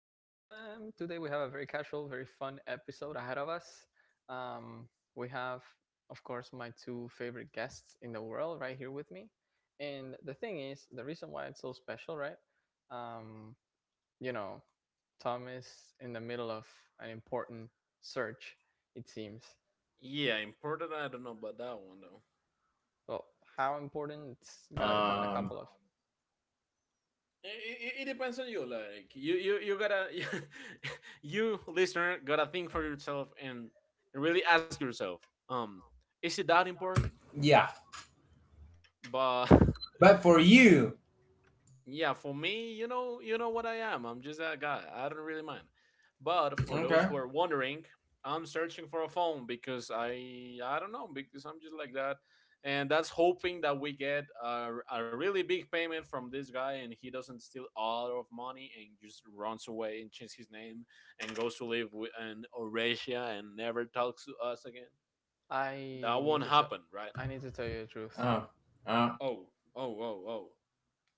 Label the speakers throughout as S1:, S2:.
S1: FM. Today we have a very casual, very fun episode ahead of us. Um, we have, of course, my two favorite guests in the world right here with me. And the thing is, the reason why it's so special, right? Um, you know, Tom is in the middle of an important search, it seems.
S2: Yeah, important. I don't know about that one though.
S1: Well, how important? It's gonna depend on a
S3: Um,
S1: couple of.
S2: It depends on you. Like you gotta, you listener gotta think for yourself and really ask yourself, um, is it that important?
S3: yeah,
S2: But
S3: but for you,
S2: Yeah, for me, you know what I am. I'm just that guy. I don't really mind. But for those who
S3: okay.
S2: are wondering, I'm searching for a phone because I don't know because I'm just like that, and that's hoping that we get a really big payment from this guy and he doesn't steal all of money and just runs away and changes his name and goes to live with in Eurasia and never talks to us again. That
S1: I need
S2: won't
S1: to tell.
S2: happen, right?
S1: I need to tell you the truth.
S3: Uh, uh,
S2: Oh, oh,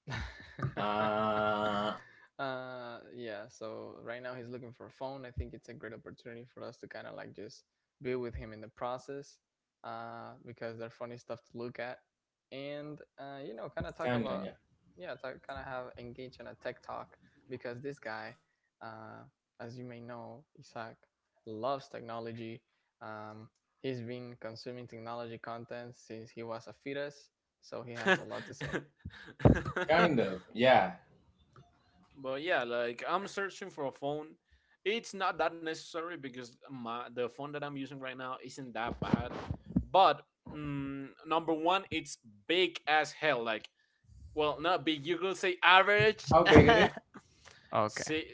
S3: uh,
S1: Yeah so right now he's looking for a phone. I think it's a great opportunity for us to kind of like just be with him in the process, because they're funny stuff to look at, and kind of talk
S3: kind of,
S1: about.
S3: yeah,
S1: Kind of have engage in a tech talk, because this guy, uh as you may know, Isaac, loves technology. um he's been consuming technology content since he was a fetus, so he
S2: oh,
S1: has a lot to say.
S2: oh.
S3: kind of, yeah.
S2: But yeah, like I'm searching for a phone. It's not that necessary because my the phone that I'm using right now isn't that bad. But number one, it's big as hell. Like, well, not big. You could say average.
S3: How big it is?
S1: Okay.
S2: Six,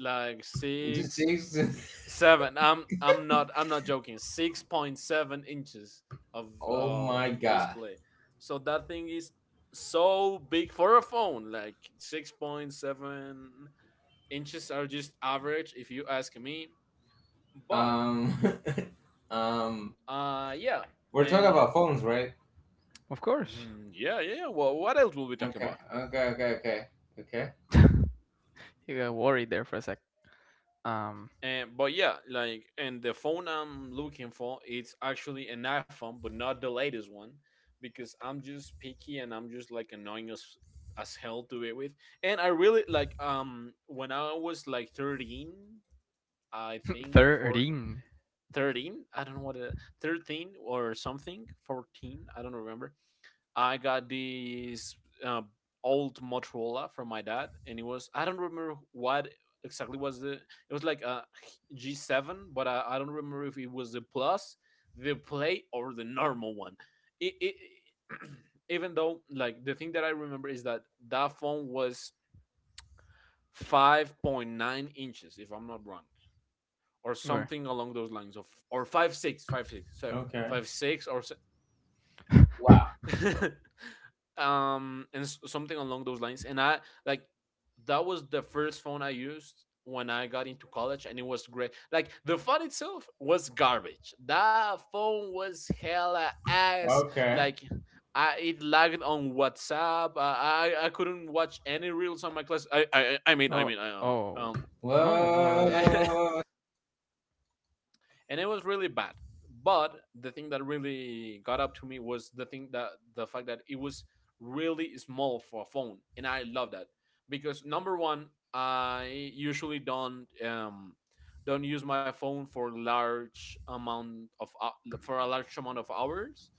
S2: like
S3: Is it
S2: six,
S3: six?
S2: seven. I'm not joking. 6.7 inches of
S3: Oh
S2: of
S3: my god.
S2: display. So that thing is so big for a phone. Like 6.7 inches are just average if you ask me. But
S3: Um, um,
S2: yeah,
S3: we're talking
S2: and
S3: about phones, right?
S1: Of course.
S2: mhm, yeah, yeah. Well, what else will we talking
S3: Okay,
S2: about?
S3: okay, okay, okay, okay,
S1: You got worried there for a sec. Um,
S2: And But yeah, like, and the phone I'm looking for, it's actually an iPhone, but not the latest one because I'm just picky and I'm just like annoying as hell to be with. And I really like when I was like 13, I think for
S1: 13.
S2: 13, I don't know what it, 13 or something, 14, I don't remember. I got this old Motorola from my dad, and it was, I don't remember what exactly was the it was, like a G7, but I don't remember if it was the Plus, the Play, or the normal one. It Even though, like, the thing that I remember is that that phone was 5.9 inches, if I'm not wrong, or
S1: Where?
S2: something along those lines, of or 5.6, 5.6, so
S3: okay.
S2: 5.6 or,
S3: Wow.
S2: and something along those lines. And I like that was the first phone I used when I got into college, and it was great. Like, the phone itself was garbage. That phone was hella ass.
S3: Okay.
S2: Like it lagged on WhatsApp. I couldn't watch any reels on my class. I mean I
S1: Oh,
S2: mean I
S1: oh. No, no. That,
S3: Whoa.
S2: and it was really bad. But the thing that really got up to me was the fact that it was really small for a phone, and I love that because number one, I usually don't use my phone for large amount of hou- for a large amount of hours,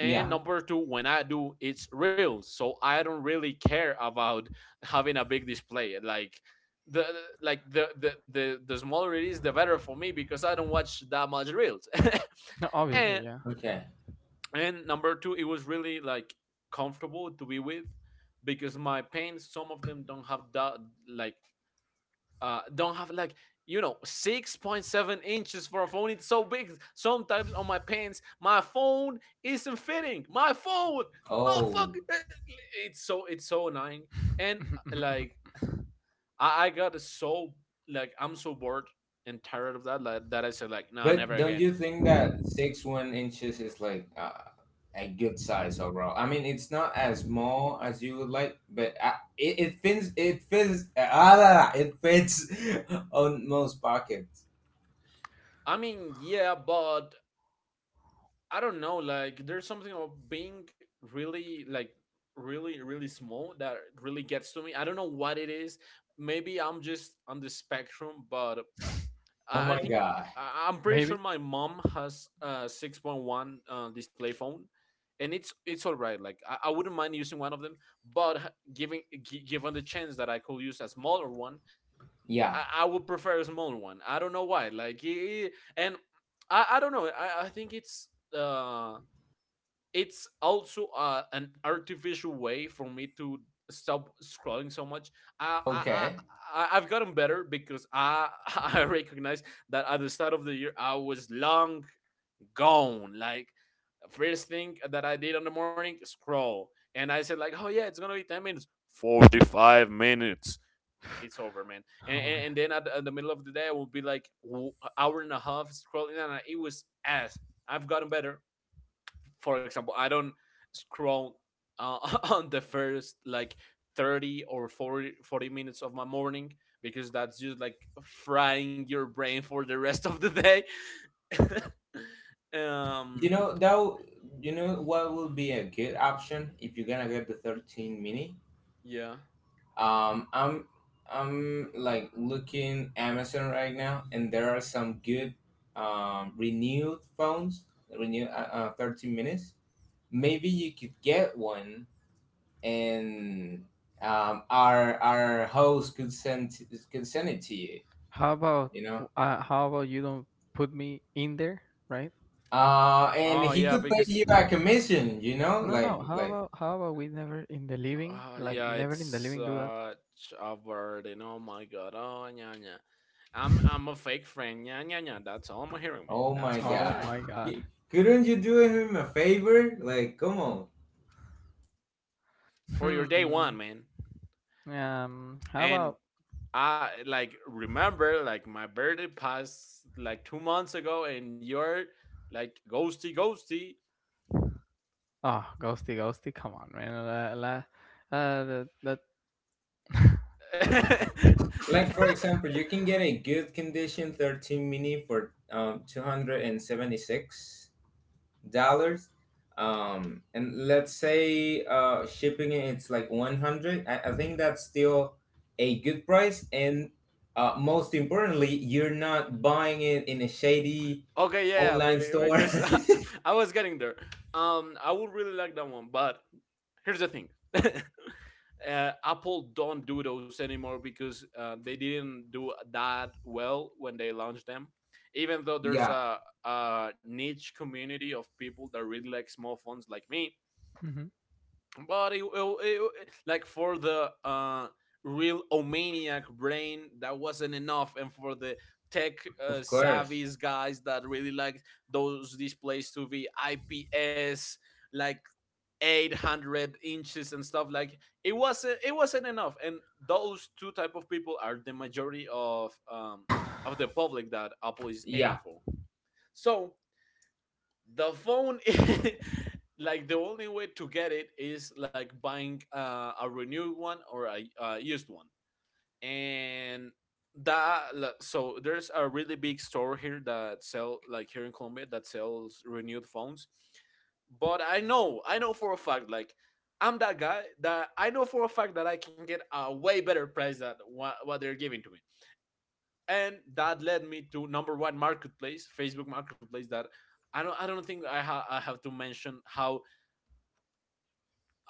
S3: Yeah.
S2: and
S1: hmm.
S2: number two, when I do, it's reels, so I don't really care about having a big display. Like the like the the the, the smaller it is, the better for me, because I don't watch that much reels.
S1: No, obviously,
S2: And
S1: yeah.
S3: Okay.
S2: number two, it was really, like, comfortable to be with, because my pants, some of them, don't have that, like, don't have, like, 6.7 inches for a phone. It's so big. Sometimes on my pants, my phone isn't fitting. My phone,
S3: Oh.
S2: motherfucker, it's so, it's so annoying. And like, I got so, like, I'm so bored and tired of that, like, that I said like, nah, never
S3: But don't
S2: again.
S3: you think that 6.1 inches is like a good size overall? I mean, it's not as small as you would like, but it fits. It fits. It fits on most pockets.
S2: I mean, yeah, but I don't know. Like, there's something about being really, like, really, really small that really gets to me. I don't know what it is. Maybe I'm just on the spectrum, but
S3: Oh
S2: I
S3: my
S2: think
S3: god!
S2: I'm pretty sure
S1: Maybe.
S2: my mom has a 6.1 display phone, and it's all right. Like, I wouldn't mind using one of them, but given the chance that I could use a smaller one,
S3: Yeah.
S2: I would prefer a smaller one. I don't know why. Like, and I don't know. I think it's, uh it's also, an artificial way for me to stop scrolling so much. I, I, I
S3: Okay.
S2: I've gotten better because I I recognize that at the start of the year I was long gone. Like, first thing that I did on the morning, scroll, and I said like, oh yeah, it's gonna be 10 minutes, 45 minutes. It's over, man. And,
S1: Oh my.
S2: and, and then at the middle of the day, I will be like, hour and a half scrolling, and it was ass. I've gotten better. For example, I don't scroll uh, on the first, like, 30 or 40 minutes of my morning, because that's just like frying your brain for the rest of the day.
S3: You
S2: um,
S3: know that. w- You know what would be a good option if you're gonna get the 13 mini?
S2: yeah.
S3: Um, I'm I'm like looking Amazon right now, and there are some good renewed phones. Renew, 30 minutes. Maybe you could get one, and our host could send it to you.
S1: How about
S3: You know.
S1: how about you don't put me in there, right?
S3: And
S2: Oh
S3: he
S2: yeah,
S3: could pay you
S2: because
S3: a commission. You know,
S1: No, no. How about we never in the living, like
S2: yeah,
S1: never
S2: it's
S1: in the living do that?
S2: such a burden. Oh my god. Oh yeah, yeah. I'm a fake friend. Yeah, yeah, yeah. That's all I'm hearing,
S3: oh
S2: man.
S3: my
S2: That's all I'm
S1: Oh
S3: god,
S1: my
S2: hearing
S1: god.
S3: Y- couldn't you do him a favor? Like, come on.
S2: for your day
S1: Hmm.
S2: one, man.
S1: How about.
S2: And I, like, remember, like, my birthday passed like 2 months ago, and you're like ghosty ghosty.
S1: Oh, ghosty, ghosty. Come on, man. La, la, that that.
S3: Like for example, you can get a good condition 13 mini for $276. And let's say shipping it's like 100. I think that's still a good price. And most importantly, you're not buying it in a shady
S2: Okay, yeah, yeah,
S3: online store.
S2: because I was getting there. I would really like that one, but here's the thing. Apple don't do those anymore because they didn't do that well when they launched them. Even though there's
S3: Yeah,
S2: a niche community of people that really like small phones like me, but like, for the real omaniac brain, that wasn't enough, and for the tech,
S3: of course.
S2: savvy guys that really like those displays to be IPS, like, 800 inches and stuff, like, it wasn't enough. And those two type of people are the majority of the public that Apple is aiming
S3: Yeah.
S2: for. So the phone like, the only way to get it is, like, buying a renewed one or a used one. And that, like, so there's a really big store here that sell, like, here in Colombia, that sells renewed phones. But I know for a fact, like, I'm that guy that I know for a fact that I can get a way better price than what they're giving to me. And that led me to number one marketplace, Facebook Marketplace. That I don't think I have to mention how,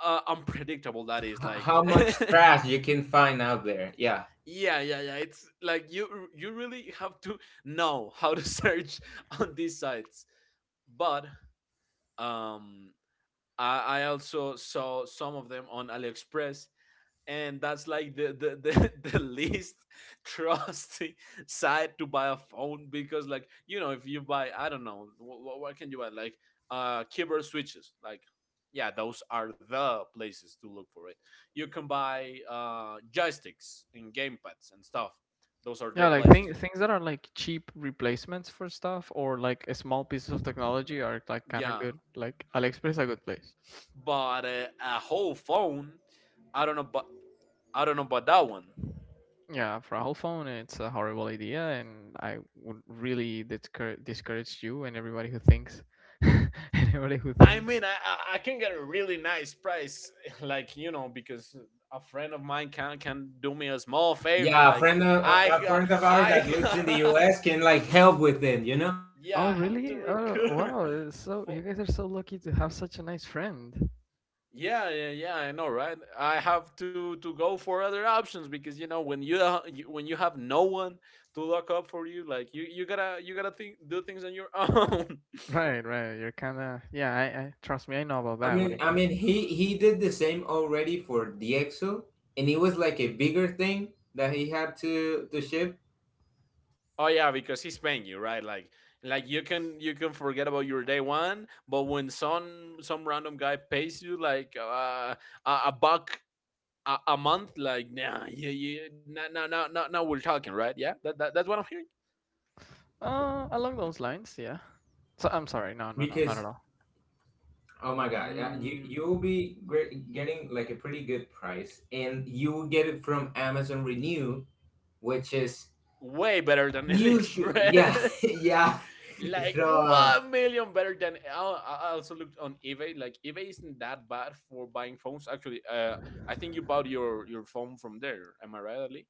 S2: unpredictable that is,
S3: H-
S2: like.
S3: how much trash you can find out there. Yeah.
S2: Yeah, yeah, yeah, it's like, you really have to know how to search on these sites. But um I also saw some of them on AliExpress, and that's like the least trusty side to buy a phone, because, like, if you buy, I don't know what can you buy, like, keyboard switches. Like, yeah, those are the places to look for it. You can buy joysticks and gamepads and stuff. Those are their
S1: Yeah, like
S2: places.
S1: things things that are like cheap replacements for stuff or like a small pieces of technology are like kind of
S2: Yeah,
S1: good. Like AliExpress is a good place.
S2: but a whole phone, I don't know, but I don't know about that one.
S1: Yeah, for a whole phone, it's a horrible idea, and I would really discourage you and everybody who thinks, anybody who
S2: I
S1: thinks.
S2: mean, I can get a really nice price, like, because a friend of mine can do me a small favor.
S3: Yeah, a
S2: Like,
S3: friend of
S2: I
S3: a
S2: ha-
S3: friend of ours
S2: I
S3: that lives in the
S2: ha-
S3: US can like help with it, you know?
S2: yeah,
S1: Oh,
S2: I have to
S1: really? Oh,
S2: recur
S1: wow! It's so
S2: for,
S1: you guys are so lucky to have such a nice friend.
S2: yeah, yeah, yeah. I know, right? I have to go for other options, because, when when you have no one to look up for you, like, you gotta think do things on your own.
S1: Right, right. You're kind of yeah. I Trust me. I know about
S3: I
S1: that when
S3: mean
S1: it
S3: I
S1: comes.
S3: mean he did the same already for DXO and it was like a bigger thing that he had to ship.
S2: Oh yeah, because he's paying you, right? Like you can forget about your day one, but when some random guy pays you, like, a buck a month, like, nah, yeah, yeah, no, no, no, no, no, we're talking, right? Yeah, that's what I'm hearing.
S1: Along those lines, yeah. So I'm sorry. No, no, no, not at
S3: Because
S1: all.
S3: oh my god, uh, you
S2: Mm,
S3: you'll be great, getting like a pretty good price and you will get it from Amazon Renew, which is
S2: way better than
S3: usually, yeah,
S2: AliExpress,
S3: yeah.
S2: like, one
S3: So
S2: million better than. I also looked on eBay. Like, eBay isn't that bad for buying phones. Actually, I think you bought your phone from there. Am I right, Ali?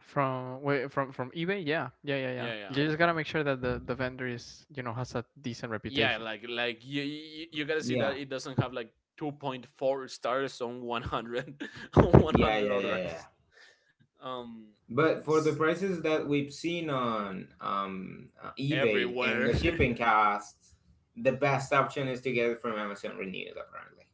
S1: From wait, from eBay? Yeah. Yeah, yeah, yeah.
S2: Yeah,
S1: You
S2: yeah,
S1: just gotta make sure that the vendor is, you know, has a decent
S2: yeah,
S1: reputation.
S2: like you gotta see that
S3: yeah,
S2: it doesn't have, like, 2.4 stars on 100, on
S3: yeah,
S2: 100
S3: yeah, yeah, yeah.
S2: others. um
S3: But for
S2: it's
S3: the prices that we've seen on eBay and
S2: everywhere.
S3: the shipping costs, the best option is to get it from Amazon Renewed, apparently.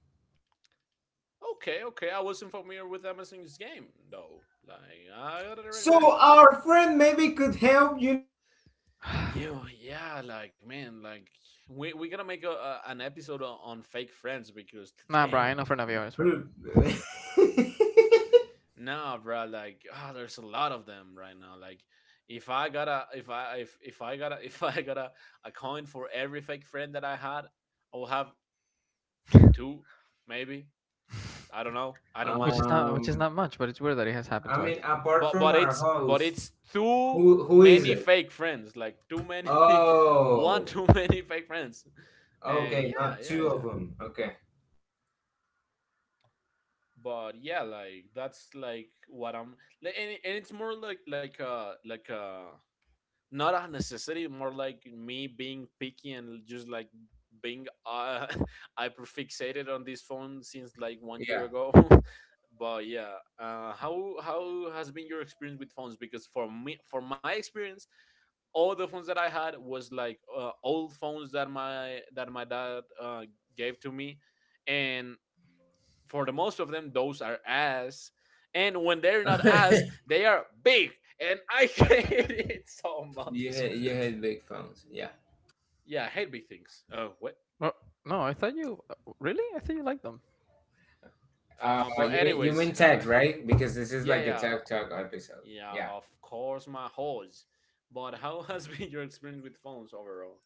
S2: Okay, okay, I wasn't familiar with Amazon's game though. Like, I gotta recognize
S3: So
S2: that.
S3: our friend maybe could help you.
S2: Yeah, yeah, like, man, like, we gotta make an episode on fake friends, because
S1: Nah, bro, I ain't
S2: damn.
S1: offering Navio, I swear.
S3: know,
S2: Nah, bro. Like, there's a lot of them right now. Like, if I got a, if I got a coin for every fake friend that I had, I will have two, maybe. I don't know. I don't
S1: Which
S2: mind.
S1: is not, which is
S3: um,
S1: not much, but it's weird that it has happened
S3: I mean,
S1: twice.
S3: apart
S2: But
S3: from
S2: but
S3: our
S2: it's but
S3: host,
S2: it's too
S3: who is
S2: many
S3: it?
S2: fake friends. Like too many, one
S3: Oh,
S2: too many fake friends. And
S3: okay, not two of them. Okay,
S2: Like that's like what I'm. And it's more like like a not a necessity, more like me being picky and just like being hyperfixated on this phone since like 1 year
S3: yeah.
S2: ago. But yeah, how has been your experience with phones? Because for me, for my experience, all the phones that I had was like old phones that my dad gave to me. And for the most of them, those are ass, and when they're not ass, they are big, and I hate it so
S3: you
S2: much.
S3: hate you hate big phones, yeah.
S2: Yeah, I hate big things. Oh, what?
S1: Well, no, I thought you really? I thought you liked them.
S3: Uh,
S2: But
S3: you mean you
S2: anyways,
S3: mean tech, right? Because this is
S2: yeah,
S3: like a
S2: yeah,
S3: tech talk episode.
S2: yeah.
S3: Yeah.
S2: Of course, my horse. But how has been your experience with phones overall?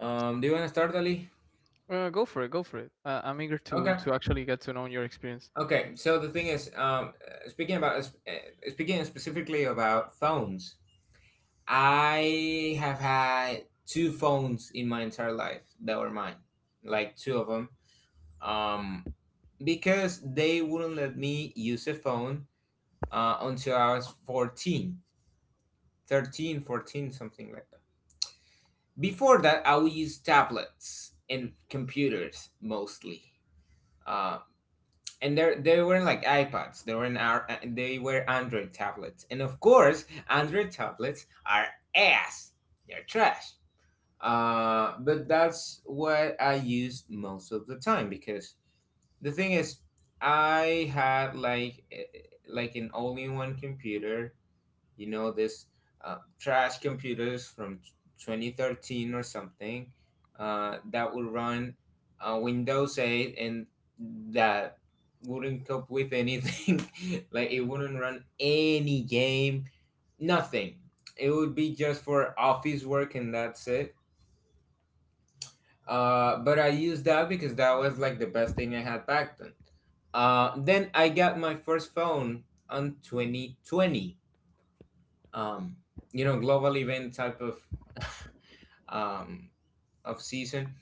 S3: Do you want to start, Ali?
S1: Go for it, go for it. I'm eager
S3: Okay.
S1: to actually get to know your experience.
S3: Okay. So the thing is, speaking specifically about phones, I have had two phones in my entire life that were mine, like two of them. Um, because they wouldn't let me use a phone until I was 14, 13, 14, something like that. Before that, I would use tablets and computers mostly. Uh, and there, they weren't like iPads. They were Android tablets. And of course, Android tablets are ass. They're trash. But that's what I used most of the time because the thing is, I had like like an all-in-one computer, you know, this trash computers from 2013 or something that would run Windows 8, and that wouldn't cope with anything. Like, it wouldn't run any game, nothing. It would be just for office work, and that's it. But I used that because that was like the best thing I had back then. Then I got my first phone on 2020. um, you know, global event type of, um, season.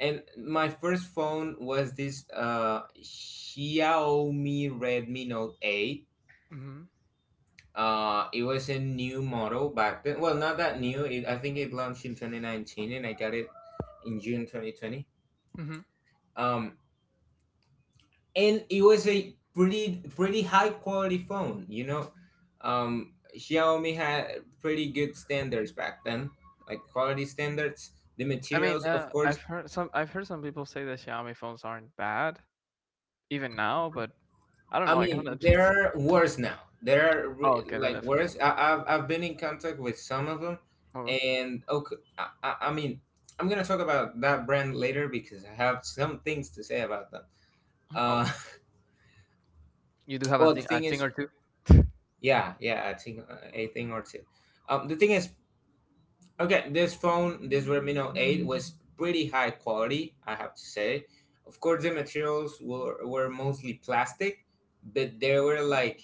S3: And my first phone was this Xiaomi Redmi Note 8.
S1: Hmm.
S3: It was a new model back then. Well, not that new. I think it launched in 2019, and I got it in June 2020.
S1: Hmm.
S3: Um, and it was a pretty high quality phone. Xiaomi had pretty good standards back then, like quality standards, the
S1: I mean,
S3: materials, of course.
S1: I've heard some people say that Xiaomi phones aren't bad even now, but I don't
S3: I
S1: know. I kind of
S3: mean, there
S1: just.
S3: are worse now. There are
S1: Oh, okay, they're
S3: like
S1: different word.
S3: worse. I've been in contact with some of them.
S1: Oh,
S3: And okay, I mean I'm gonna talk about that brand later because I have some things to say about them.
S1: oh,
S3: uh
S1: you do have
S3: well, the
S1: a
S3: thing
S1: thing or
S3: is,
S1: two.
S3: yeah, yeah, I think, a thing or two. The thing is, okay, this phone, this Redmi 8, was pretty high quality, I have to say. Of course, the materials were mostly plastic, but they were like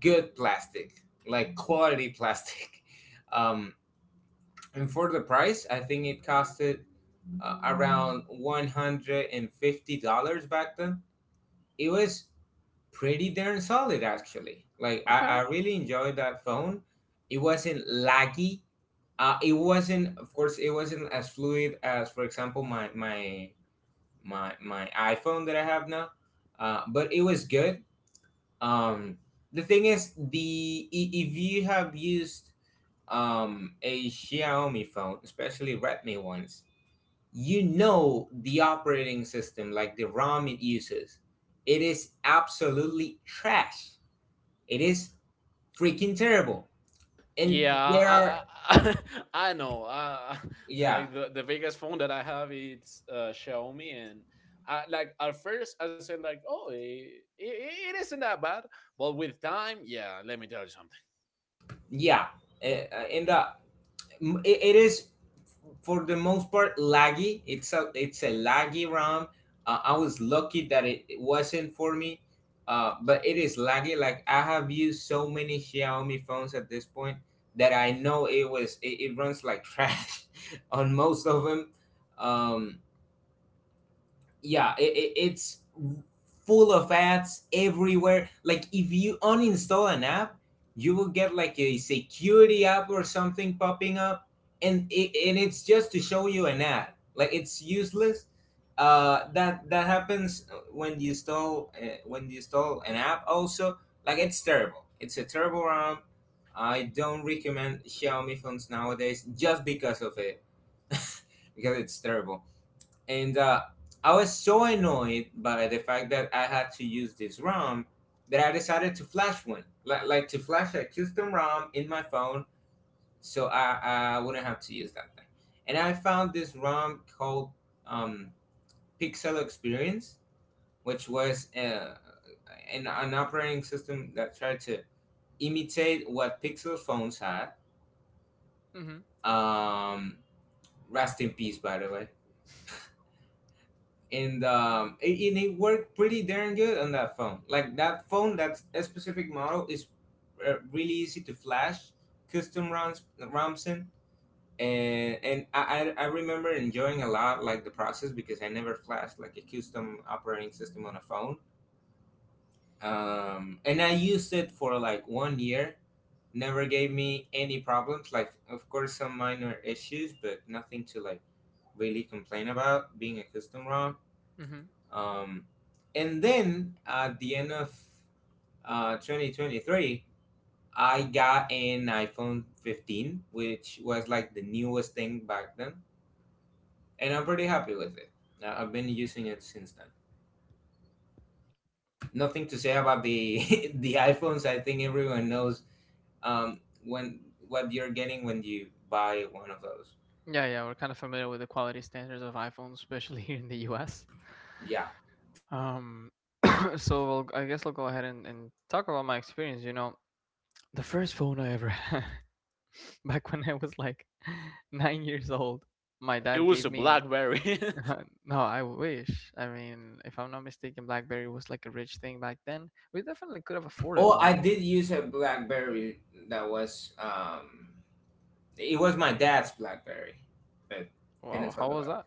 S3: good plastic, like quality plastic. Um, and for the price, I think it costed around $150 back then. It was pretty darn solid, actually. Like, I
S1: Okay.
S3: really enjoyed that phone. It wasn't laggy. It wasn't, of course it wasn't as fluid as for example my iPhone that I have now. But it was good. um, the thing is, if you have used a Xiaomi phone, especially Redmi ones, you know the operating system, like the ROM it uses, it is absolutely trash. It is freaking terrible. And
S2: Yeah,
S3: there are,
S2: I, I know.
S3: yeah,
S2: Like the biggest phone that I have, it's Xiaomi, and like at first I said like, oh, it isn't that bad. But with time, yeah, let me tell you something.
S3: yeah, in the, it is for the most part laggy. It's a laggy ROM. I was lucky that it wasn't for me. But it is laggy. Like, I have used so many Xiaomi phones at this point that I know it runs like trash on most of them. Um, yeah, it's full of ads everywhere. Like, if you uninstall an app, you will get like a security app or something popping up, and it's just to show you an ad. Like, it's useless. That happens when you install, an app also. Like, it's terrible. It's a terrible app. I don't recommend Xiaomi phones nowadays just because of it. Because it's terrible. And I was so annoyed by the fact that I had to use this ROM that I decided to flash one, like, to flash a custom ROM in my phone, so I wouldn't have to use that thing. And I found this ROM called, um, Pixel Experience, which was an, operating system that tried to imitate what Pixel phones had.
S1: Mm-hmm.
S3: Um, rest in peace, by the way. And it worked pretty darn good on that phone. Like, that phone, that a specific model, is really easy to flash custom ROMs in. And I remember enjoying a lot, like the process, because I never flashed like a custom operating system on a phone. And I used it for like 1 year. Never gave me any problems. Like, of course, some minor issues, but nothing to like really complain about, being a custom ROM.
S1: Hmm.
S3: Um, and then at the end of, 2023, I got an iPhone 15, which was like the newest thing back then. And I'm pretty happy with it. I've been using it since then. Nothing to say about the the iPhones. I think everyone knows, um, when what you're getting when you buy one of those.
S1: Yeah, yeah, we're kind of familiar with the quality standards of iPhones, especially here in the US.
S3: Yeah.
S1: Um, so we'll, I guess I'll go ahead and talk about my experience. You know, the first phone I ever had, back when I was like 9 years old, my
S2: It
S1: dad
S2: was
S1: gave
S2: a
S1: me.
S2: BlackBerry,
S1: No, I wish. I mean, if I'm not mistaken, BlackBerry was like a rich thing back then. We definitely could have afforded
S3: Oh, I
S1: one.
S3: did use a BlackBerry. That was um, it was my dad's BlackBerry, but didn't
S1: Whoa,
S3: talk
S1: how was
S3: about.
S1: that?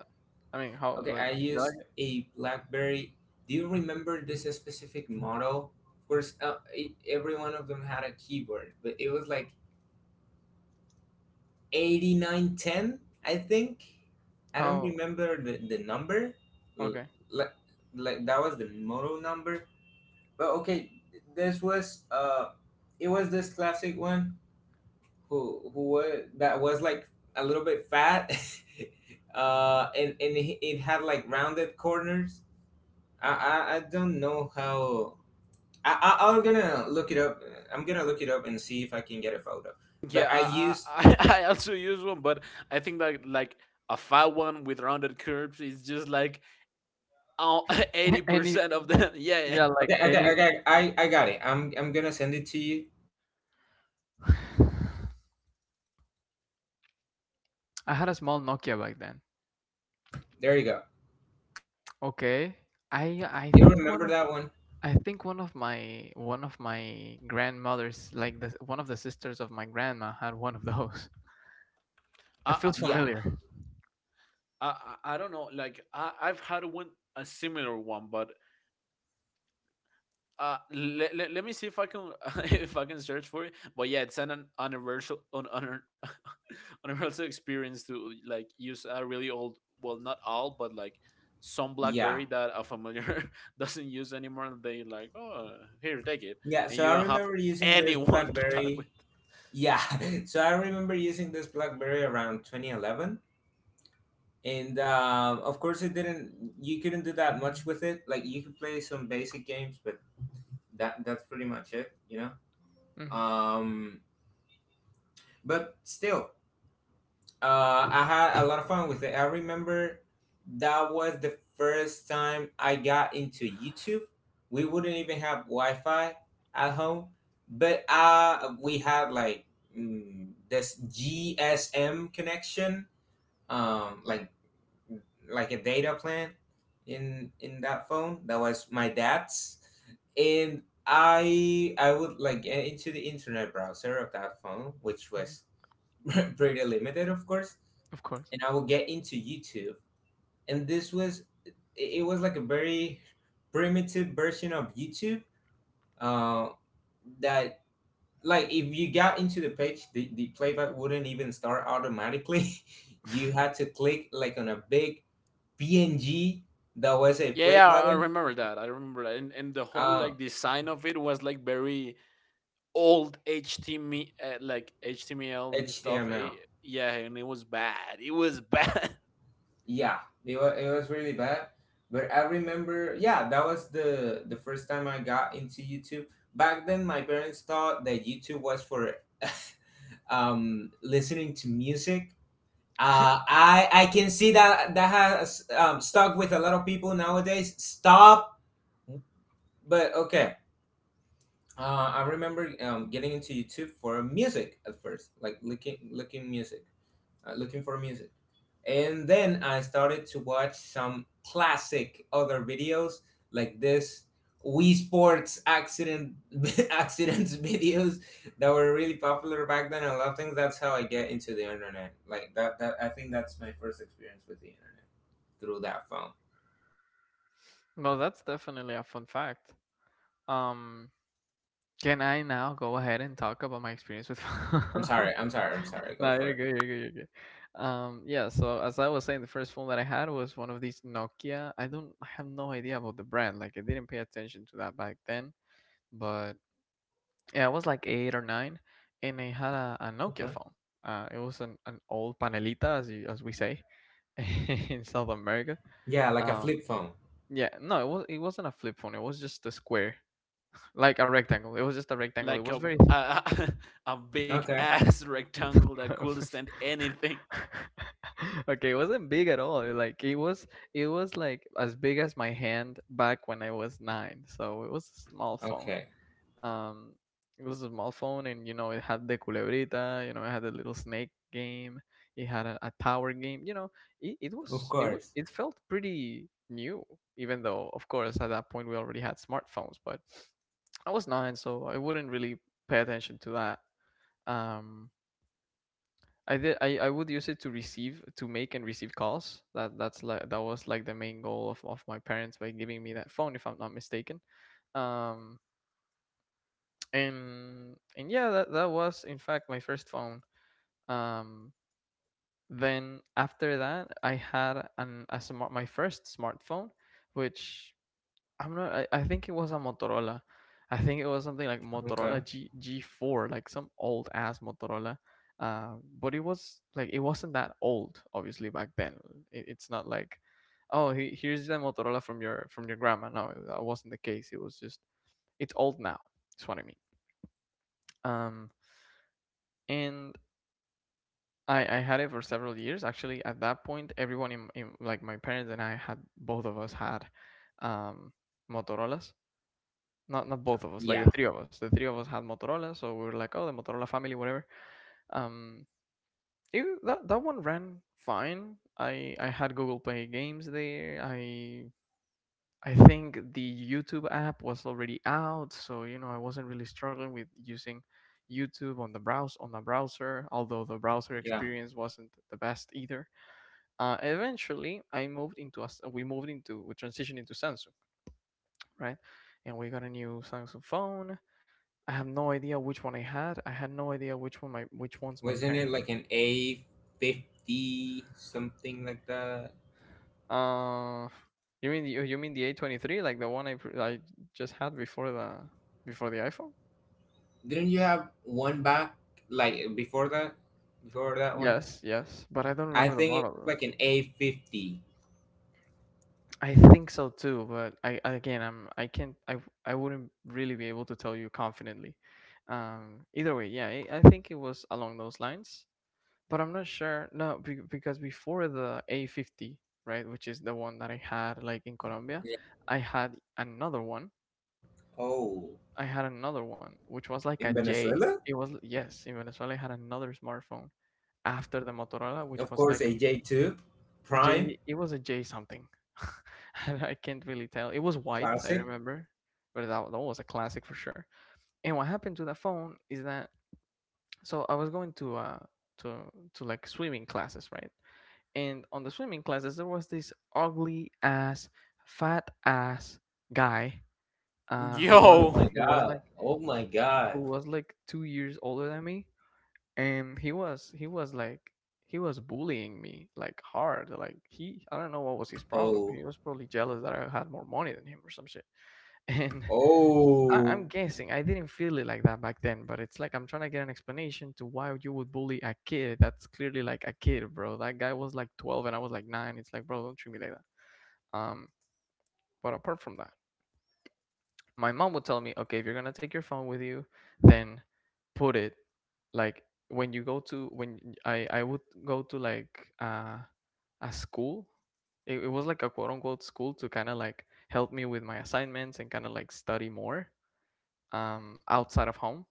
S1: I mean, how
S3: Okay,
S1: like
S3: I
S1: you like
S3: used
S1: it?
S3: a BlackBerry. Do you remember this specific model? Of course, every one of them had a keyboard, but it was like 8910, I think. I don't
S1: How
S3: remember the number. L-
S1: okay?
S3: Like, like, that was the model number. But okay, th- this was it was this classic one, who was that was like a little bit fat. And it had like rounded corners. I don't know how. I'm gonna look it up. I'm gonna look it up and see if I can get a photo. But
S2: Yeah,
S3: I
S2: I,
S3: used.
S2: I, I also use one, but I think that like a fat one with rounded curves is just like oh, eighty
S1: Any,
S2: percent of them. Yeah, yeah.
S1: yeah, like
S3: Okay, okay,
S1: any.
S3: okay. I got it. I'm gonna send it to you.
S1: I had a small Nokia back then.
S3: There you go.
S1: Okay. I I
S3: Do you
S1: think one
S3: remember
S1: of
S3: that one?
S1: I think one of my, one of my grandmothers, like the one of the sisters of my grandma, had one of those. It
S2: I
S1: feels
S2: I I
S3: Yeah,
S2: I
S1: familiar.
S2: I don't know. Like I I've had one, a similar one, but let me see if I can if I can search for it. But yeah, it's an universal universal experience to like use a really old, well, not all, but like some
S3: yeah,
S2: BlackBerry that a familiar doesn't use anymore. And they like, oh, here, take it,
S3: yeah.
S2: and
S3: So
S2: you
S3: I
S2: don't have
S3: remember using this
S2: anyone to talk with.
S3: BlackBerry. Yeah, so I remember using this BlackBerry around 2011, and of course it didn't. You couldn't do that much with it. Like, you could play some basic games, but that's pretty much it. You know.
S1: Hmm.
S3: But still, I had a lot of fun with it. I remember that was the first time I got into YouTube. We wouldn't even have Wi-Fi at home, but we had like, this GSM connection, like a data plan in that phone that was my dad's. And I would like get into the internet browser of that phone, which
S1: Hmm.
S3: was pretty limited, of course.
S1: Of course.
S3: And I would get into YouTube, and this was it it was like a very primitive version of YouTube. Uh, that, like, if you got into the page, the playback wouldn't even start automatically. you had to click like on a big PNG that was a
S2: Yeah,
S3: play
S2: yeah, I
S3: button.
S2: remember that. I remember that, and the whole
S3: uh,
S2: like design of it was like very old HTML, like HTML and stuff.
S3: HTML.
S2: Yeah, and it was bad. It was bad.
S3: Yeah, it was really bad. But I remember, yeah, that was the first time I got into YouTube. Back then, my parents thought that YouTube was for listening to music. I can see that that has stuck with a lot of people nowadays. Stop. But okay, I remember getting into YouTube for music at first, like looking music, looking for music. And then I started to watch some classic other videos like this Wii Sports accident accidents videos that were really popular back then. I love things. That's how I get into the internet. Like that I think that's my first experience with the internet through that phone.
S1: Well, that's definitely a fun fact. Um, Can I now go ahead and talk about my experience with
S3: I'm
S1: film?
S3: sorry. I'm sorry. I'm sorry. Go
S1: No,
S3: for
S1: you're
S3: it.
S1: good, you're good, you're good. Yeah, so as I was saying, the first phone that I had was one of these Nokia. I have no idea about the brand. Like I didn't pay attention to that back then. But yeah, I was like eight or nine, and I had a Nokia
S3: Okay.
S1: phone. It was an old panelita as you, as we say in South America.
S3: Yeah, like a
S1: Um
S3: flip phone.
S1: yeah, no, it was, it wasn't a flip phone, it was just a square, like a rectangle. It was just a rectangle. It
S2: Like
S1: was very
S2: a a big
S3: Okay.
S2: ass rectangle that couldn't stand anything.
S1: okay, it wasn't big at all. Like it was, it was like as big as my hand back when I was nine. So it was a small phone.
S3: Okay.
S1: Um it was a small phone, and you know, it had the culebrita, you know, it had a little snake game, it had a tower game, you know, it
S3: Of
S1: was it wa
S3: course.
S1: it felt pretty new, even though of course at that point we already had smartphones, but I was nine, so I wouldn't really pay attention to that. Um I did. I would use it to receive, to make and receive calls. That's like that was like the main goal of my parents by giving me that phone, if I'm not mistaken. Um, and yeah, that, that was in fact my first phone. Um, then after that, I had an, a smart, my first smartphone, which I'm not. I think it was a Motorola. I think it was something like
S3: Okay.
S1: Motorola G G4, like some old ass Motorola. Uh, but it was like it wasn't that old, obviously back then. It, it's not like, oh, he, here's the Motorola from your, from your grandma. No, that wasn't the case. It was just, it's old now. That's what I mean. Um, and I had it for several years. Actually, at that point, everyone in like my parents and I had, both of us had, um, Motorola's. Not not both of us, like the
S3: Yeah.
S1: three of us. The three of us had Motorola, so we were like, oh, the Motorola family, whatever. Um, it, that, that one ran fine. I had Google Play Games there. I think the YouTube app was already out, so you know I wasn't really struggling with using YouTube on the browser. Although the browser
S3: Yeah.
S1: experience wasn't the best either. Eventually, I moved into us. We moved into, we transitioned into Samsung, right? And we got a new Samsung phone. I have no idea which one I had. I had no idea which one my, which one's my
S3: Wasn't it
S1: parent.
S3: like an A 50 something like that?
S1: Uh, you mean the, oh, you mean the A23, like the one I pr- I just had before the, before the iPhone?
S3: Didn't you have one back like before that? Before that one,
S1: Yes, yes, but I don't
S3: I
S1: remember the
S3: think it
S1: model
S3: was
S1: though.
S3: like an A 50.
S1: I think so too, but I- again I'm I can't I wouldn't really be able to tell you confidently. Either way, yeah, I think it was along those lines. But I'm not sure. No, because before the A50, right, which is the one that I had like in Colombia, I had another one.
S3: Oh,
S1: I had another one, which was like a
S3: in
S1: J.
S3: Venezuela,
S1: It was, yes, in Venezuela, I had another smartphone after the Motorola, which
S3: of
S1: was
S3: course,
S1: like
S3: AJ two, Prime.
S1: J. It was a J something. And I can't really tell. It was white, I
S3: Classic.
S1: remember, but that, that was a classic for sure. And what happened to that phone is that, so I was going to, to, to like swimming classes, right? And on the swimming classes there was this ugly ass, fat ass guy, who was,
S3: Oh
S2: Yo,
S3: my
S1: he was
S3: god!
S1: like
S3: Oh my god!
S1: who was like 2 years older than me, and he was like, he was bullying me like hard. Like, he I don't know what was his problem.
S3: Oh,
S1: He was probably jealous that I had more money than him or some shit. And I,
S3: oh,
S1: I'm guessing I didn't feel it like that back then, but it's like I'm trying to get an explanation to why you would bully a kid that's clearly like a kid. Bro, that guy was like 12 and I was like 9. It's like, bro, don't treat me like. um, but apart from that, my mom would tell me, okay, if you're gonna take your phone with you, then put it, like, when you go to, when I would go to like a school. It was like a quote unquote school to kind of like help me with my assignments and kind of like study more, outside of home.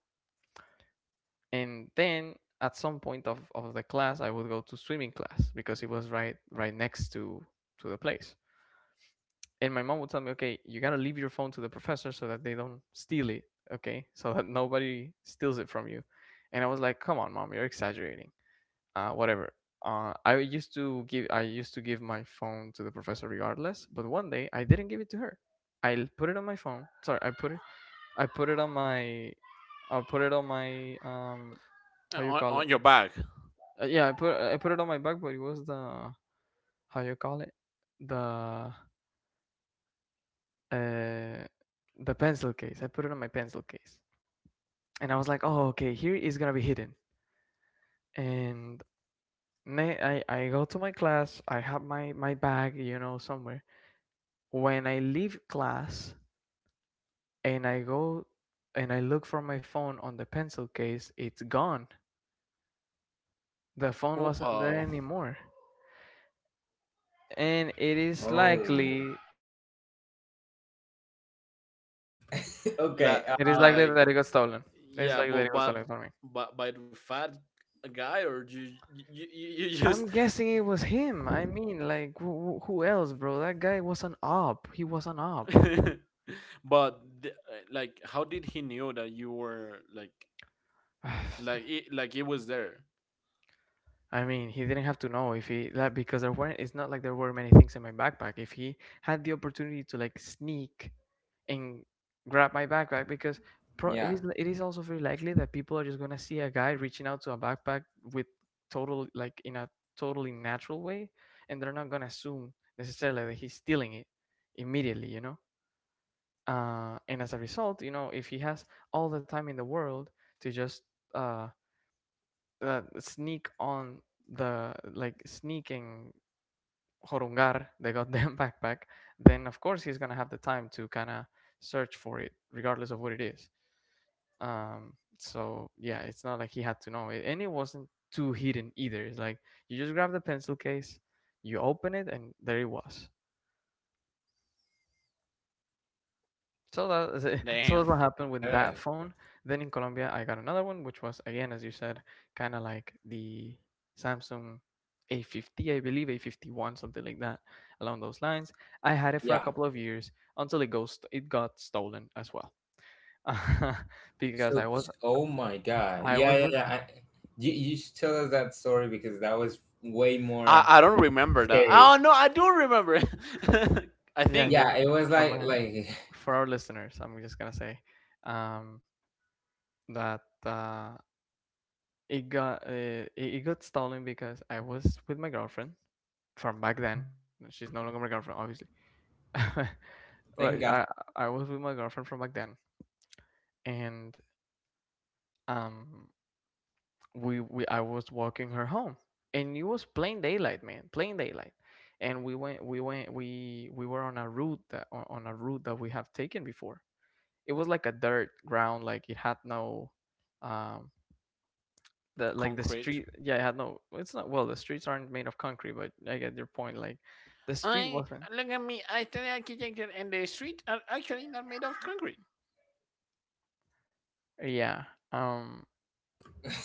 S1: And then at some point of the class, I would go to swimming class because it was right, right next to the place. And my mom would tell me, okay, you gotta leave your phone to the professor so that they don't steal it, okay, so that nobody steals it from you. And I was like, come on, mom, you're exaggerating. Whatever. I used to give my phone to the professor regardless, but one day I didn't give it to her. I put it on my phone. Sorry, I put it I put it on my I put it on my how you call it?
S2: on your back.
S1: Yeah, I put it on my back, but it was the, how you call it, the uh, the pencil case. I put it on my pencil case, and I was like, "Oh, okay, here is gonna be hidden." And I go to my class. I have my bag, you know, somewhere. When I leave class and I go and I look for my phone on the pencil case, it's gone. The phone
S2: Uh
S1: wasn't there
S2: oh,
S1: anymore, and
S3: oh. okay.
S2: like
S1: it is likely
S2: like
S1: that it got stolen. It's
S2: yeah,
S1: likely that it
S2: but
S1: got
S2: but
S1: stolen from me.
S2: but by the fat guy, or you just.
S1: I'm guessing it was him. I mean, like, who else, bro? That guy was an op. He was an op.
S2: But the- like how did he knew that you were like
S1: I
S2: like it, like it was there?
S1: mean, he didn't have to know if he that because there weren't. It's not like there were many things in my backpack. If he had the opportunity to like sneak and grab my backpack, because it
S3: Yeah.
S1: is it is also very likely that people are just gonna see a guy reaching out to a backpack with total like in a totally natural way, and they're not gonna assume necessarily that he's stealing it immediately, you know. And as a result, you know, if he has all the time in the world to just uh, sneak on the like sneaking horungar the goddamn backpack, then of course he's gonna have the time to kind of search for it, regardless of what it is. So yeah, it's not like he had to know it, and it wasn't too hidden either. It's like you just grab the pencil case, you open it, and there it was. So that is it. So
S2: Damn.
S1: that's what happened
S3: Uh,
S1: with that phone. Then in Colombia, I got another one, which was again, as you said, kind of like the Samsung A50, I believe A51, something like that, along those lines. I had it for a
S3: yeah.
S1: couple of years until it got stolen as well, because
S3: So, oh my god.
S1: I was
S3: Yeah, yeah,
S1: with,
S3: yeah. You should tell us that story because that was way more
S2: I don't remember that. Oh
S3: scary.
S2: no, I do remember. I
S1: yeah,
S2: think
S1: just
S3: Yeah, it was
S1: for
S3: like
S1: my
S3: like
S1: for our listeners, I'm just gonna say um, that it got it, it got stolen because I was with my girlfriend from back then. She's no longer my girlfriend, obviously.
S3: Thank
S1: but
S3: God.
S1: I I was with my girlfriend from back then, and um we I was walking her home, and it was plain daylight, man, plain daylight. And we went we went we were on a route that on a route that we have taken before. It was like a dirt ground, like it had no um the
S2: concrete.
S1: street. Yeah, it had no, it's not, well, the streets aren't made of concrete, but I get your point, like the street
S2: I
S1: wasn't,
S2: look at me. I study architecture, and the street are actually not made of concrete.
S1: yeah. um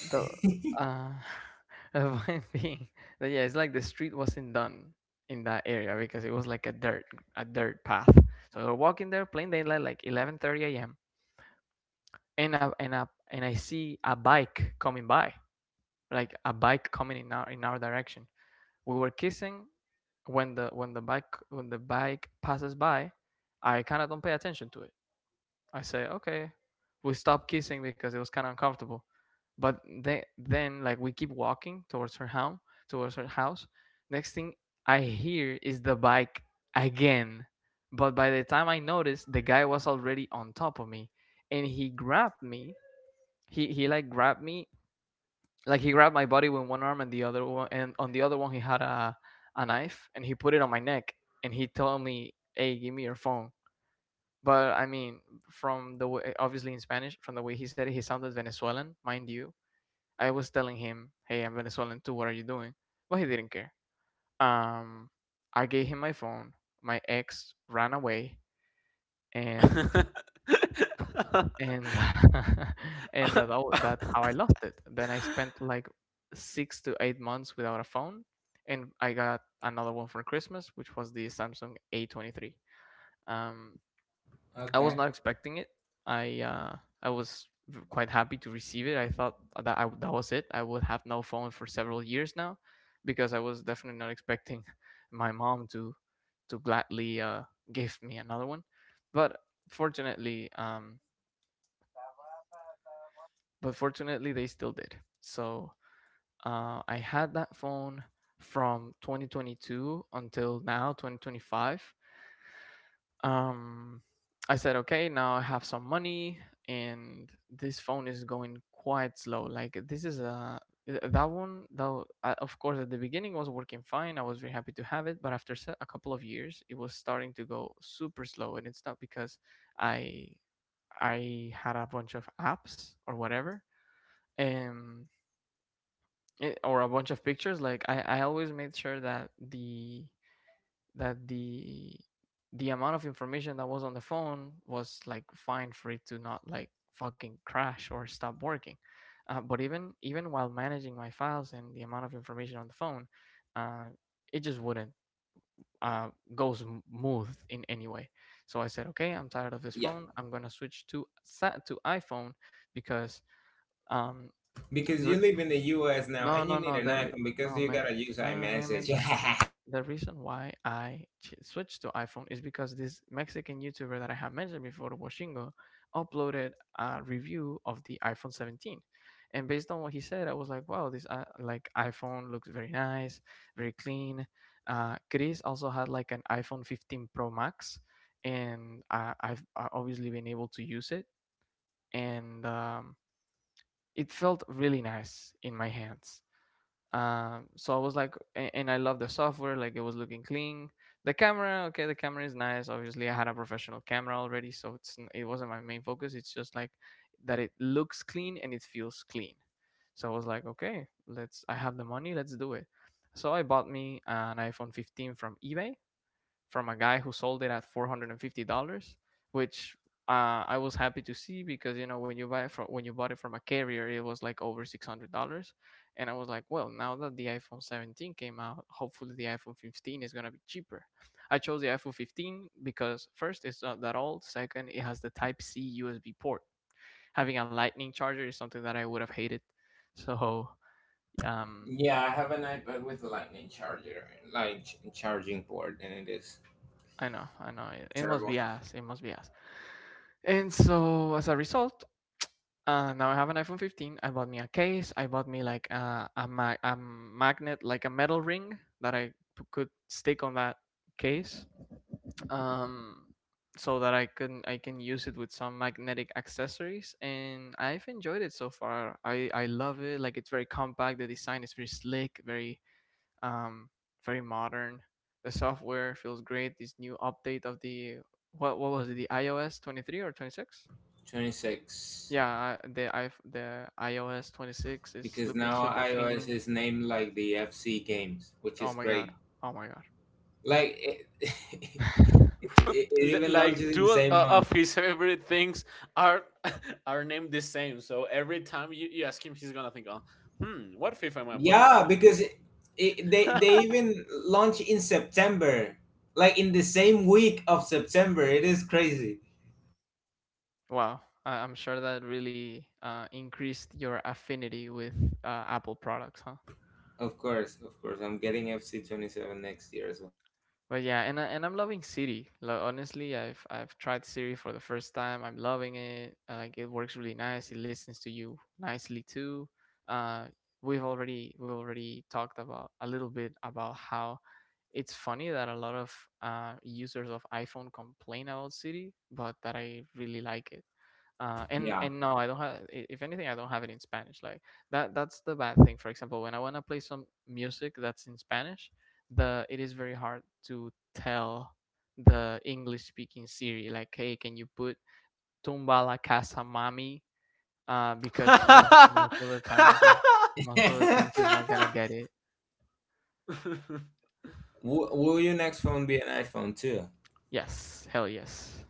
S1: The uh, the point being that yeah, it's like the street wasn't done in that area because it was like a dirt path. So we're walking there, plain daylight, like 11:30 a.m. And I see a bike coming by, like a bike coming in our direction. We were kissing when the bike passes by. I kind of don't pay attention to it. I say, okay. We stopped kissing because it was kind of uncomfortable. But then we keep walking towards her home, towards her house. Next thing I hear is the bike again. But by the time I noticed, the guy was already on top of me, and he grabbed me. He like grabbed me, like he grabbed my body with one arm, and the other one, and on the other one he had a knife, and he put it on my neck, and he told me, "Hey, give me your phone." But I mean, from the way, obviously in Spanish, from the way he said it, he sounded Venezuelan, mind you. I was telling him, "Hey, I'm Venezuelan too. What are you doing?" But he didn't care. Um, I gave him my phone. My ex ran away, and and and that's how I lost it. Then I spent like 6 to 8 months without a phone, and I got another one for Christmas, which was the Samsung A23. Um, I was
S3: Okay.
S1: not expecting it. I uh, I was quite happy to receive it. I thought that was it. I would have no phone for several years now, because I was definitely not expecting my mom to gladly give me another one. But fortunately, um, but fortunately they still did. So I had that phone from 2022 until now, 2025. um, I said, okay, now I have some money, and this phone is going quite slow. Like this is a that one though. Of course, at the beginning was working fine. I was very happy to have it, but after a couple of years, it was starting to go super slow, and it's not because I I had a bunch of apps or whatever, um, it, or a bunch of pictures. Like I always made sure that that the the amount of information that was on the phone was like fine for it to not like fucking crash or stop working. But even while managing my files and the amount of information on the phone, uh, it just wouldn't uh, go smooth in any way. So I said, okay, I'm tired of this
S3: Yeah.
S1: phone. I'm gonna switch to iPhone because um,
S3: Because you live in the US now and you need an iPhone because
S1: No,
S3: you
S1: man,
S3: gotta use
S1: man.
S3: iMessage.
S1: The reason why I switched to iPhone is because this Mexican YouTuber that I have mentioned before, Washingo, uploaded a review of the iPhone 17, and based on what he said, I was like, wow, this like iPhone looks very nice, very clean. Chris also had like an iPhone 15 Pro Max, and I've obviously been able to use it, and it felt really nice in my hands. So I was like, and I love the software. Like it was looking clean. The camera, okay, the camera is nice. Obviously, I had a professional camera already, so it's it wasn't my main focus. It's just like that it looks clean and it feels clean. So I was like, okay, let's. I have the money, let's do it. So I bought me an iPhone 15 from eBay, from a guy who sold it at $450, which I was happy to see because you know when you buy it from a carrier, it was like over $600, and I was like, well, now that the iPhone 17 came out, hopefully the iPhone 15 is gonna be cheaper. I chose the iPhone 15 because first it's not that old, second it has the Type C USB port. Having a Lightning charger is something that I would have hated, so um,
S3: yeah, I have an iPad with a lightning charger, like charging port, and it is
S1: I know, I know. It must
S3: terrible.
S1: be ass. It must be ass. And so, as a result, now I have an iPhone 15. I bought me a case. I bought me like a magnet, like a metal ring that I could stick on that case, um, so that I can use it with some magnetic accessories. And I've enjoyed it so far. I love it. Like it's very compact. The design is very slick, very um, very modern. The software feels great. This new update of the, what was it? The iOS 23 or 26?
S3: 26.
S1: Yeah, I, the iOS 26 is
S3: Because
S1: looking
S3: now
S1: super
S3: iOS
S1: clean.
S3: is named like the FC games, which
S1: Oh
S3: is
S1: my god.
S3: great.
S1: Oh my
S3: Like,
S1: god.
S3: it
S2: L-
S3: even
S2: like
S3: launches in the
S2: two
S3: same month.
S2: of his favorite things are are named the same. So every time you, you ask him, he's gonna think, "Oh, hmm, what FIFA am I playing right
S3: Yeah,
S2: now?"
S3: because it, they even launch in September, like in the same week of September. It is crazy.
S1: Wow. I'm sure that really increased your affinity with Apple products, huh?
S3: Of course, I'm getting FC 27 next year as well.
S1: But yeah, and and I'm loving Siri. Like honestly, I've tried Siri for the first time. I'm loving it. Like it works really nice. It listens to you nicely too. Uh, we've already talked about a little bit about how it's funny that a lot of users of iPhone complain about Siri, but that I really like it. And
S3: Yeah.
S1: no, I don't have. If anything, I don't have it in Spanish. That's the bad thing. For example, when I wanna play some music that's in Spanish, the it is very hard to tell the English speaking Siri like, hey, can you put Tumba la casa mami? Because most of the times is most of the times it's not gonna get it.
S3: Will your next phone be an iPhone too?
S1: Yes, hell yes.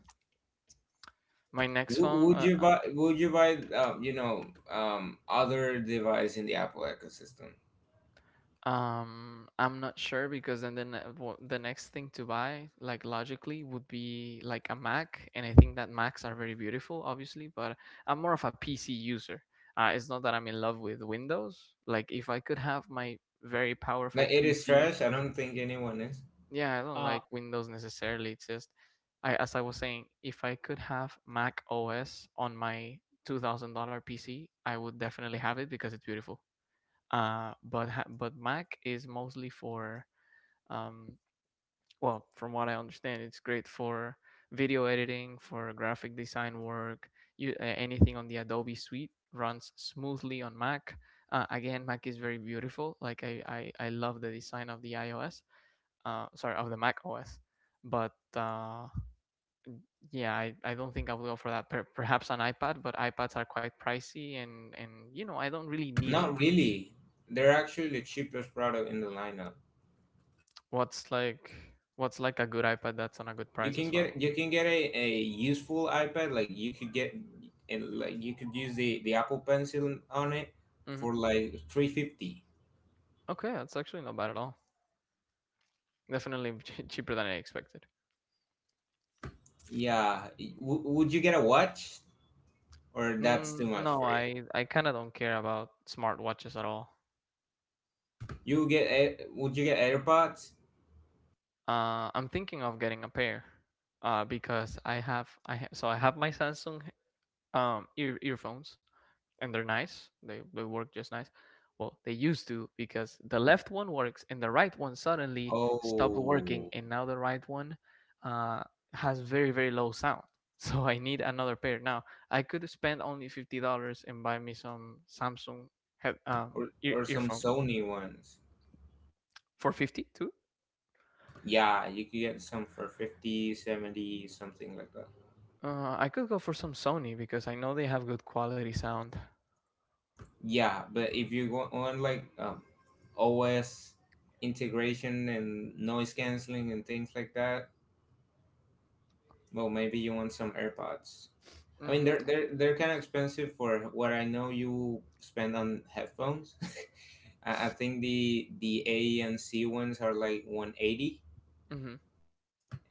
S1: My next
S3: W-
S1: phone,
S3: would you buy? Would you buy? Other device in the Apple ecosystem?
S1: I'm not sure because then the, ne- wo- the next thing to buy, like logically, would be like a Mac, and I think that Macs are very beautiful, obviously. But I'm more of a PC user. It's not that I'm in love with Windows. Like if I could have my very
S3: Like
S1: powerful
S3: it is
S1: PC,
S3: trash. I don't think anyone is.
S1: yeah, I don't
S2: uh,
S1: like Windows necessarily. It's just, I as I was saying, if I could have Mac OS on my $2000 PC, I would definitely have it because it's beautiful. But Mac is mostly for um, well, from what I understand, it's great for video editing, for graphic design work. Anything on the Adobe Suite runs smoothly on Mac. Again, Mac is very beautiful. I love the design of the iOS. Sorry, of the Mac OS. But Yeah, I don't think I will go for that. Perhaps an iPad, but iPads are quite pricey, and you know I don't really need it.
S3: Not really. They're actually the cheapest product in the lineup.
S1: What's like what's like a good iPad that's on a good
S3: You
S1: price
S3: can
S1: as well.
S3: get you can get a useful iPad. Like you could get, and like you could use the Apple Pencil on it
S1: Hmm.
S3: for like 350.
S1: Okay, that's actually not bad at all. Definitely cheaper than I expected.
S3: Yeah, would you get a watch or that's
S1: Mm,
S3: too much
S1: no,
S3: for you?
S1: I kind of don't care about smartwatches at all.
S3: Would you get AirPods?
S1: I'm thinking of getting a pair, because I have I ha- so I have my Samsung earphones, and they're nice. They work just nice. Well, they used to because the left one works and the right one suddenly stopped working,
S3: Oh,
S1: and now the right one uh, has very very low sound. So I need another pair now. I could spend only $50 and buy me some Samsung head, um,
S3: or some
S1: earphone
S3: Sony ones.
S1: for $50
S3: Yeah, you could get some for 50, 70 something like that.
S1: too. I could go for some Sony because I know they have good quality sound.
S3: Yeah, but if you go on like OS integration and noise canceling and things like that, well, maybe you want some AirPods. I mean,
S1: Mm.
S3: they're kind of expensive for what I know you spend on headphones. I think the A and C ones are like 180,
S1: Hmm.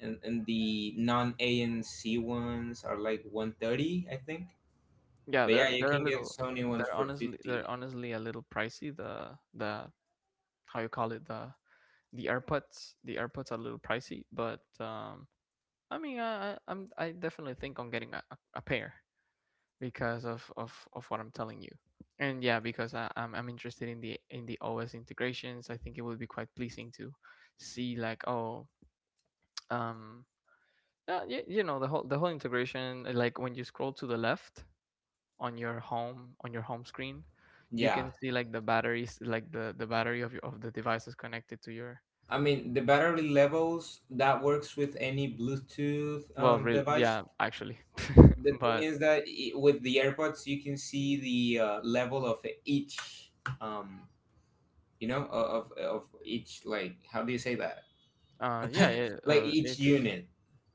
S3: and the non A and C ones are like 130, I think.
S1: Yeah,
S3: But yeah, you
S1: they're a
S3: can get
S1: little,
S3: Sony ones for
S1: they're
S3: 50.
S1: honestly a little pricey, the how you call it, the AirPods. The AirPods are a little pricey, but I mean, I definitely think on getting a pair because of what I'm telling you, and yeah, because I'm interested in the OS integrations. I think it would be quite pleasing to see like, oh, um yeah, you know, the whole integration, like when you scroll to the left on your home screen, you can
S3: Yeah,
S1: see like the batteries, like the battery of your of the devices connected to your—
S3: I mean, the battery levels that works with any Bluetooth
S1: Well, real,
S3: device.
S1: yeah, actually,
S3: The thing
S1: but
S3: is that I with the AirPods, you can see the level of each, um, of each, like, how do you say that?
S1: yeah, it,
S3: Like each
S1: each,
S3: unit.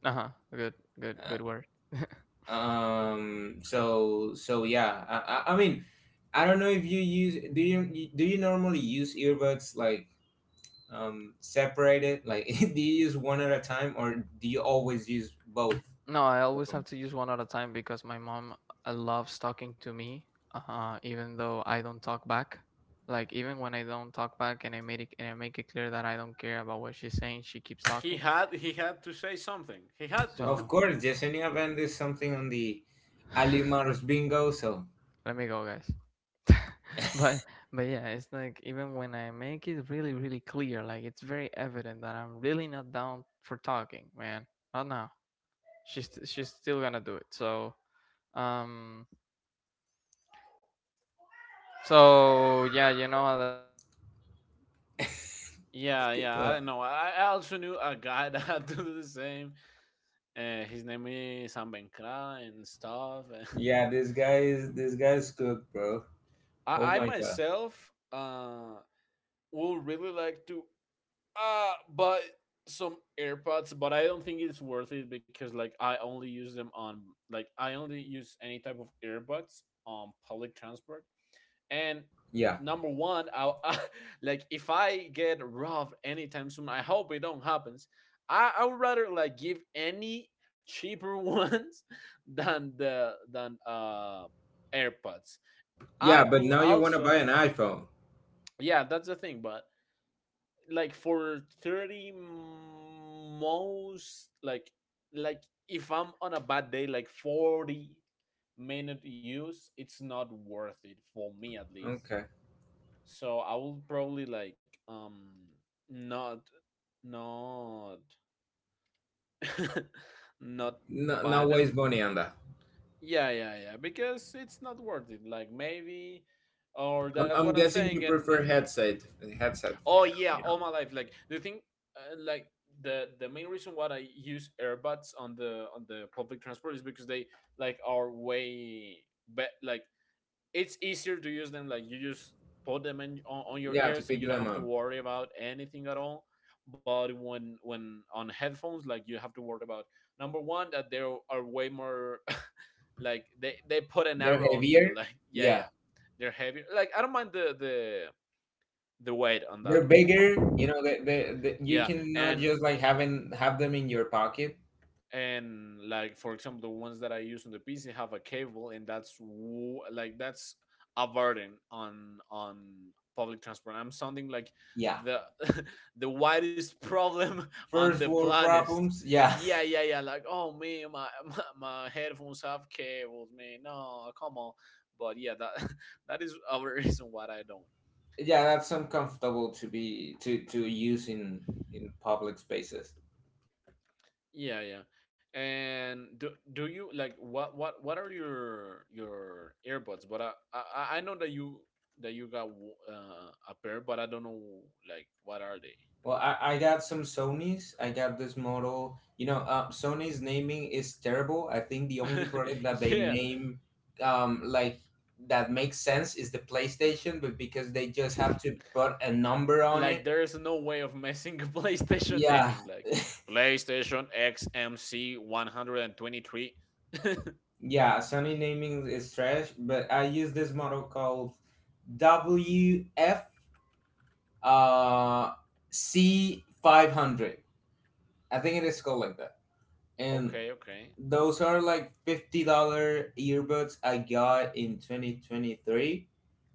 S1: uh huh, good, good,
S3: Uh,
S1: word.
S3: so yeah. I mean, I don't know if you use. Do you normally use earbuds like separated? Like, do you use one at a time or do you always use both
S1: No, I
S3: of
S1: always have
S3: them?
S1: to use one at a time because my mom loves talking to me, even though I don't talk back. Like even when I don't talk back, and I make it clear that I don't care about what she's saying, she keeps talking.
S2: He had to say something. He had to.
S3: Of
S1: So,
S3: course, Yesenia Band is something on the Alimar's bingo, so
S1: let me go, guys. but but yeah, it's like even when I make it really really clear, like it's very evident that I'm really not down for talking, man, not now, she's still gonna do it, so um so yeah, you know.
S2: Yeah, yeah. I
S3: well,
S2: don't know. I also knew a guy that had to do the same. His name is Ambenkra and stuff.
S3: yeah, this guy's cooked, bro. Oh
S2: I
S3: my god.
S2: myself would really like to buy some AirPods, but I don't think it's worth it because like I only use them on, like I only use any type of AirPods on public transport. And
S3: Yeah.
S2: number one, I, like if I get robbed anytime soon, I hope it don't happens. I would rather like give any cheaper ones than the than AirPods.
S3: Yeah,
S2: I
S3: but
S2: could
S3: now you wanna buy
S2: also,
S3: an iPhone.
S2: yeah, that's the thing, but like for 30, most like if I'm on a bad day, like 40-minute use, it's not worth it for me at least.
S3: Okay.
S2: So I will probably like not not not
S3: No,
S2: buy
S3: now waste
S2: them.
S3: money on that?
S2: Yeah, yeah, yeah. Because it's not worth it. Like maybe, or
S3: I'm
S2: that's what
S3: I'm
S2: I'm
S3: guessing
S2: saying.
S3: you
S2: And
S3: prefer headset
S2: oh
S3: hair,
S2: yeah,
S3: you
S2: all
S3: know.
S2: my life. Like the thing, like the main reason why I use earbuds on the public transport is because they like are way like it's easier to use them, like you just put them in, on your
S3: Yeah, to
S2: ears, and
S3: pick
S2: you don't
S3: them
S2: have to
S3: up.
S2: worry about anything at all. But when on headphones, like you have to worry about number one that there are way more like they put an
S3: They're
S2: arrow on
S3: heavier.
S2: you. Like yeah,
S3: Yeah.
S2: yeah, they're heavier. Like I don't mind the the weight on that
S3: They're
S2: one, but
S3: bigger. You know, they you
S2: yeah.
S3: cannot
S2: and
S3: just like having have them in your pocket.
S2: and like for example, the ones that I use on the PC have a cable, and that's like that's a burden on public transport. I'm sounding like
S3: Yeah.
S2: the the widest problem on the
S3: First world
S2: planet.
S3: problems. Yeah.
S2: Yeah, yeah, yeah, like oh man, my, my headphones have cables, man, no, come on. But yeah, that that is a reason why I don't.
S3: Yeah, that's uncomfortable to be to use in public spaces.
S2: Yeah, yeah. And do do you like, what what are your earbuds? But I know that you, that you got a pair, but I don't know like what are
S3: Well, I got some Sonys. I got this model, Sony's naming is terrible. I think the
S2: they?
S3: only product that they
S2: Yeah,
S3: name, like, that makes sense is the PlayStation, but because they just have to put a number on
S2: like
S3: it.
S2: there is no way of messing a PlayStation
S3: Yeah.
S2: naming like PlayStation XMC 123.
S3: Yeah, Sony naming is trash, but I use this model called WF uh, C500. I think it is called like that. And
S2: Okay, okay.
S3: those are like $50 earbuds I got in 2023.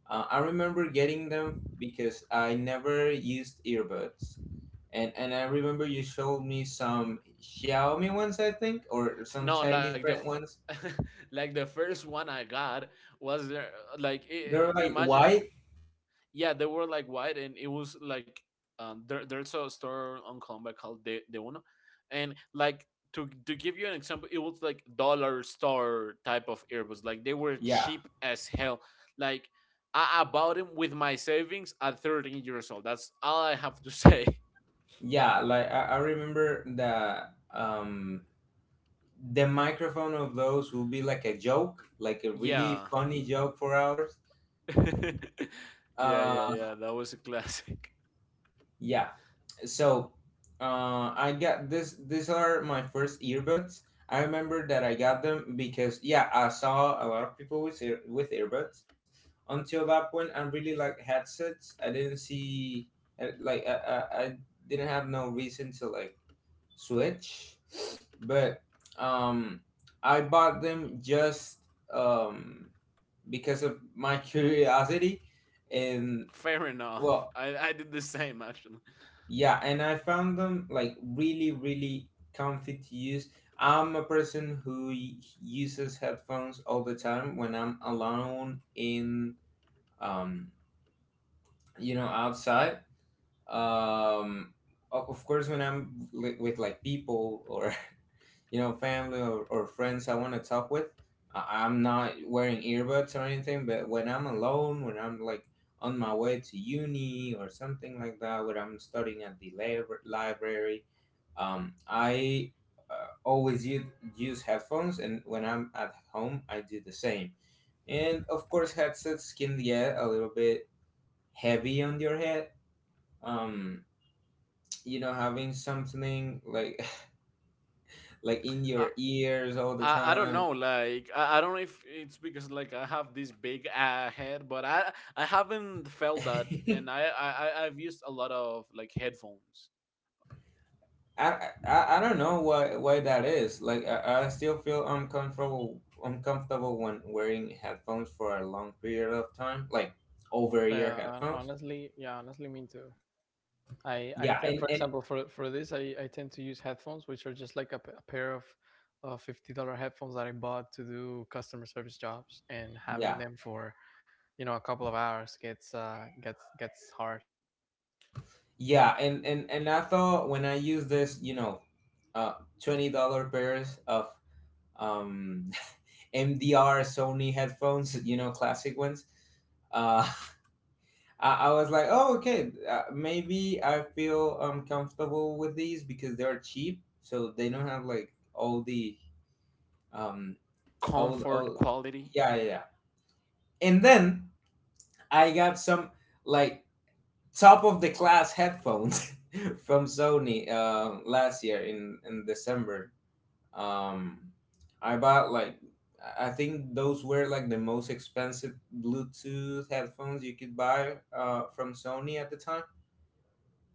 S3: I remember getting them because I never used earbuds, and I remember you showed me some Xiaomi ones, I think, or some
S2: No, like
S3: Chinese
S2: the
S3: brand ones.
S2: like the first one I got was there, like
S3: They're like
S2: imagine,
S3: white.
S2: yeah, they were like white, and it was like there, there's a store on Colombia called De Uno, and like, to give you an example, it was like dollar store type of earbuds. Like they were
S3: Yeah,
S2: cheap as hell. Like I bought them with my savings at 13 years old. That's all I have to say.
S3: yeah. Like I remember that. The microphone of those would be like a joke, like a really
S2: Yeah.
S3: funny joke for ours.
S2: Yeah, yeah, yeah. That was a classic.
S3: Yeah. So, I got this. These are my first earbuds. I remember that I got them because, yeah, I saw a lot of people with earbuds. Until that point, I really like headsets. I didn't see like I didn't have no reason to like switch, but um, I bought them just um because of my curiosity, and
S2: Fair enough.
S3: well,
S2: I did the same actually.
S3: yeah, and I found them like really, really comfy to use. I'm a person who uses headphones all the time when I'm alone in, um, outside. Um, of course, when I'm with like people, or family, or friends I want to talk with, I'm not wearing earbuds or anything. But when I'm alone, when I'm like on my way to uni or something like that, when I'm studying at the library, I always use headphones, and when I'm at home, I do the same. And of course, headsets can get a little bit heavy on your head. Um, having something like like in
S2: I,
S3: your ears all the
S2: I don't know,
S3: time.
S2: like I don't know if it's because like I have this big head, but I haven't felt that and I've used a lot of like headphones.
S3: I don't know why that is. Like I still feel uncomfortable when wearing headphones for a long period of time, like over ear
S1: Yeah,
S3: headphones.
S1: honestly, yeah, honestly, me too.
S3: Yeah, and,
S1: For
S3: and
S1: example, for this I tend to use headphones which are just like a, a pair of $50 headphones that I bought to do customer service jobs, and having
S3: yeah.
S1: them for, you know, a couple of hours gets hard.
S3: Yeah, and I thought when I use this, uh, $20 pairs of um MDR Sony headphones, classic ones. Uh, I was like, oh, okay, maybe I feel comfortable with these because they're cheap, so they don't have like all the um
S2: Comfort
S3: all
S2: quality.
S3: yeah, yeah. Yeah. And then I got some like top of the class headphones from Sony, last year in December. Um, I bought like I think those were like the most expensive Bluetooth headphones you could buy, from Sony at the time,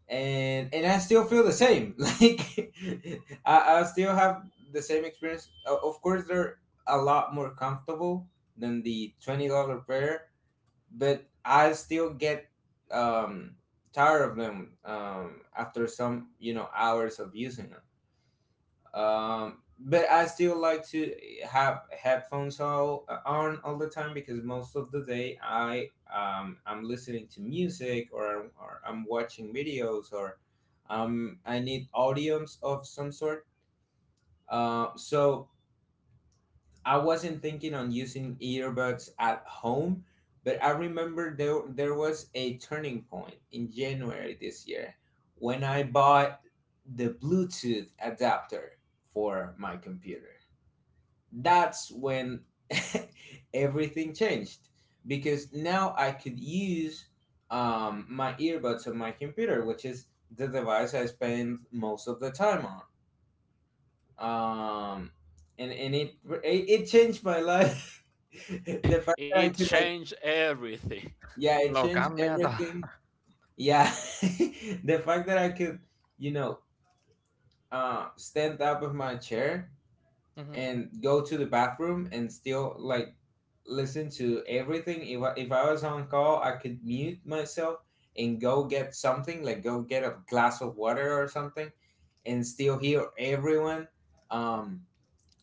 S3: and I still feel the same. Like I still have the same experience. Of course, they're a lot more comfortable than the $20 pair, but I still get um, tired of them after some hours of using them. But I still like to have headphones all, on all the time because most of the day I'm listening to music, or I'm watching videos, or I need audios of some sort. So I wasn't thinking on using earbuds at home, but I remember there was a turning point in January this year when I bought the Bluetooth adapter for my computer. That's when everything changed because now I could use my earbuds on my computer, which is the device I spend most of the time on. um and it changed my life. The fact that
S2: It
S3: I could, like,
S2: changed everything.
S3: yeah, it
S1: Lo
S3: changed
S1: cambia todo.
S3: everything, yeah. The fact that I could, you know stand up of my chair
S1: Hmm.
S3: and go to the bathroom and still like listen to everything. If I was on call, I could mute myself and go get something, like go get a glass of water or something, and still hear everyone. um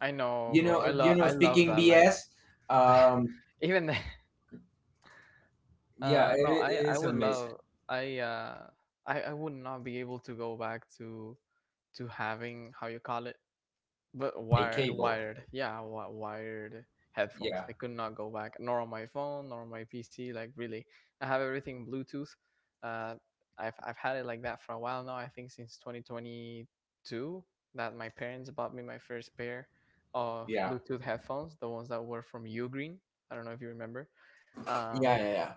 S1: I know,
S3: You
S1: bro.
S3: know, you know,
S1: I love
S3: speaking
S1: that. Like
S3: BS. Um,
S1: even the-
S3: yeah,
S1: no,
S3: it, it
S1: I
S3: is
S1: would
S3: amazing.
S1: love, I uh I would not be able to go back to having, how you call it— but
S3: A
S1: wired,
S3: cable.
S1: wired headphones.
S3: Yeah,
S1: I could not go back, nor on my phone, nor on my PC. Like really, I have everything Bluetooth. Uh, I've had it like that for a while now. I think since 2022 that my parents bought me my first pair of
S3: yeah,
S1: Bluetooth headphones, the ones that were from Ugreen. I don't know if you remember.
S3: yeah,
S1: Um,
S3: yeah, yeah.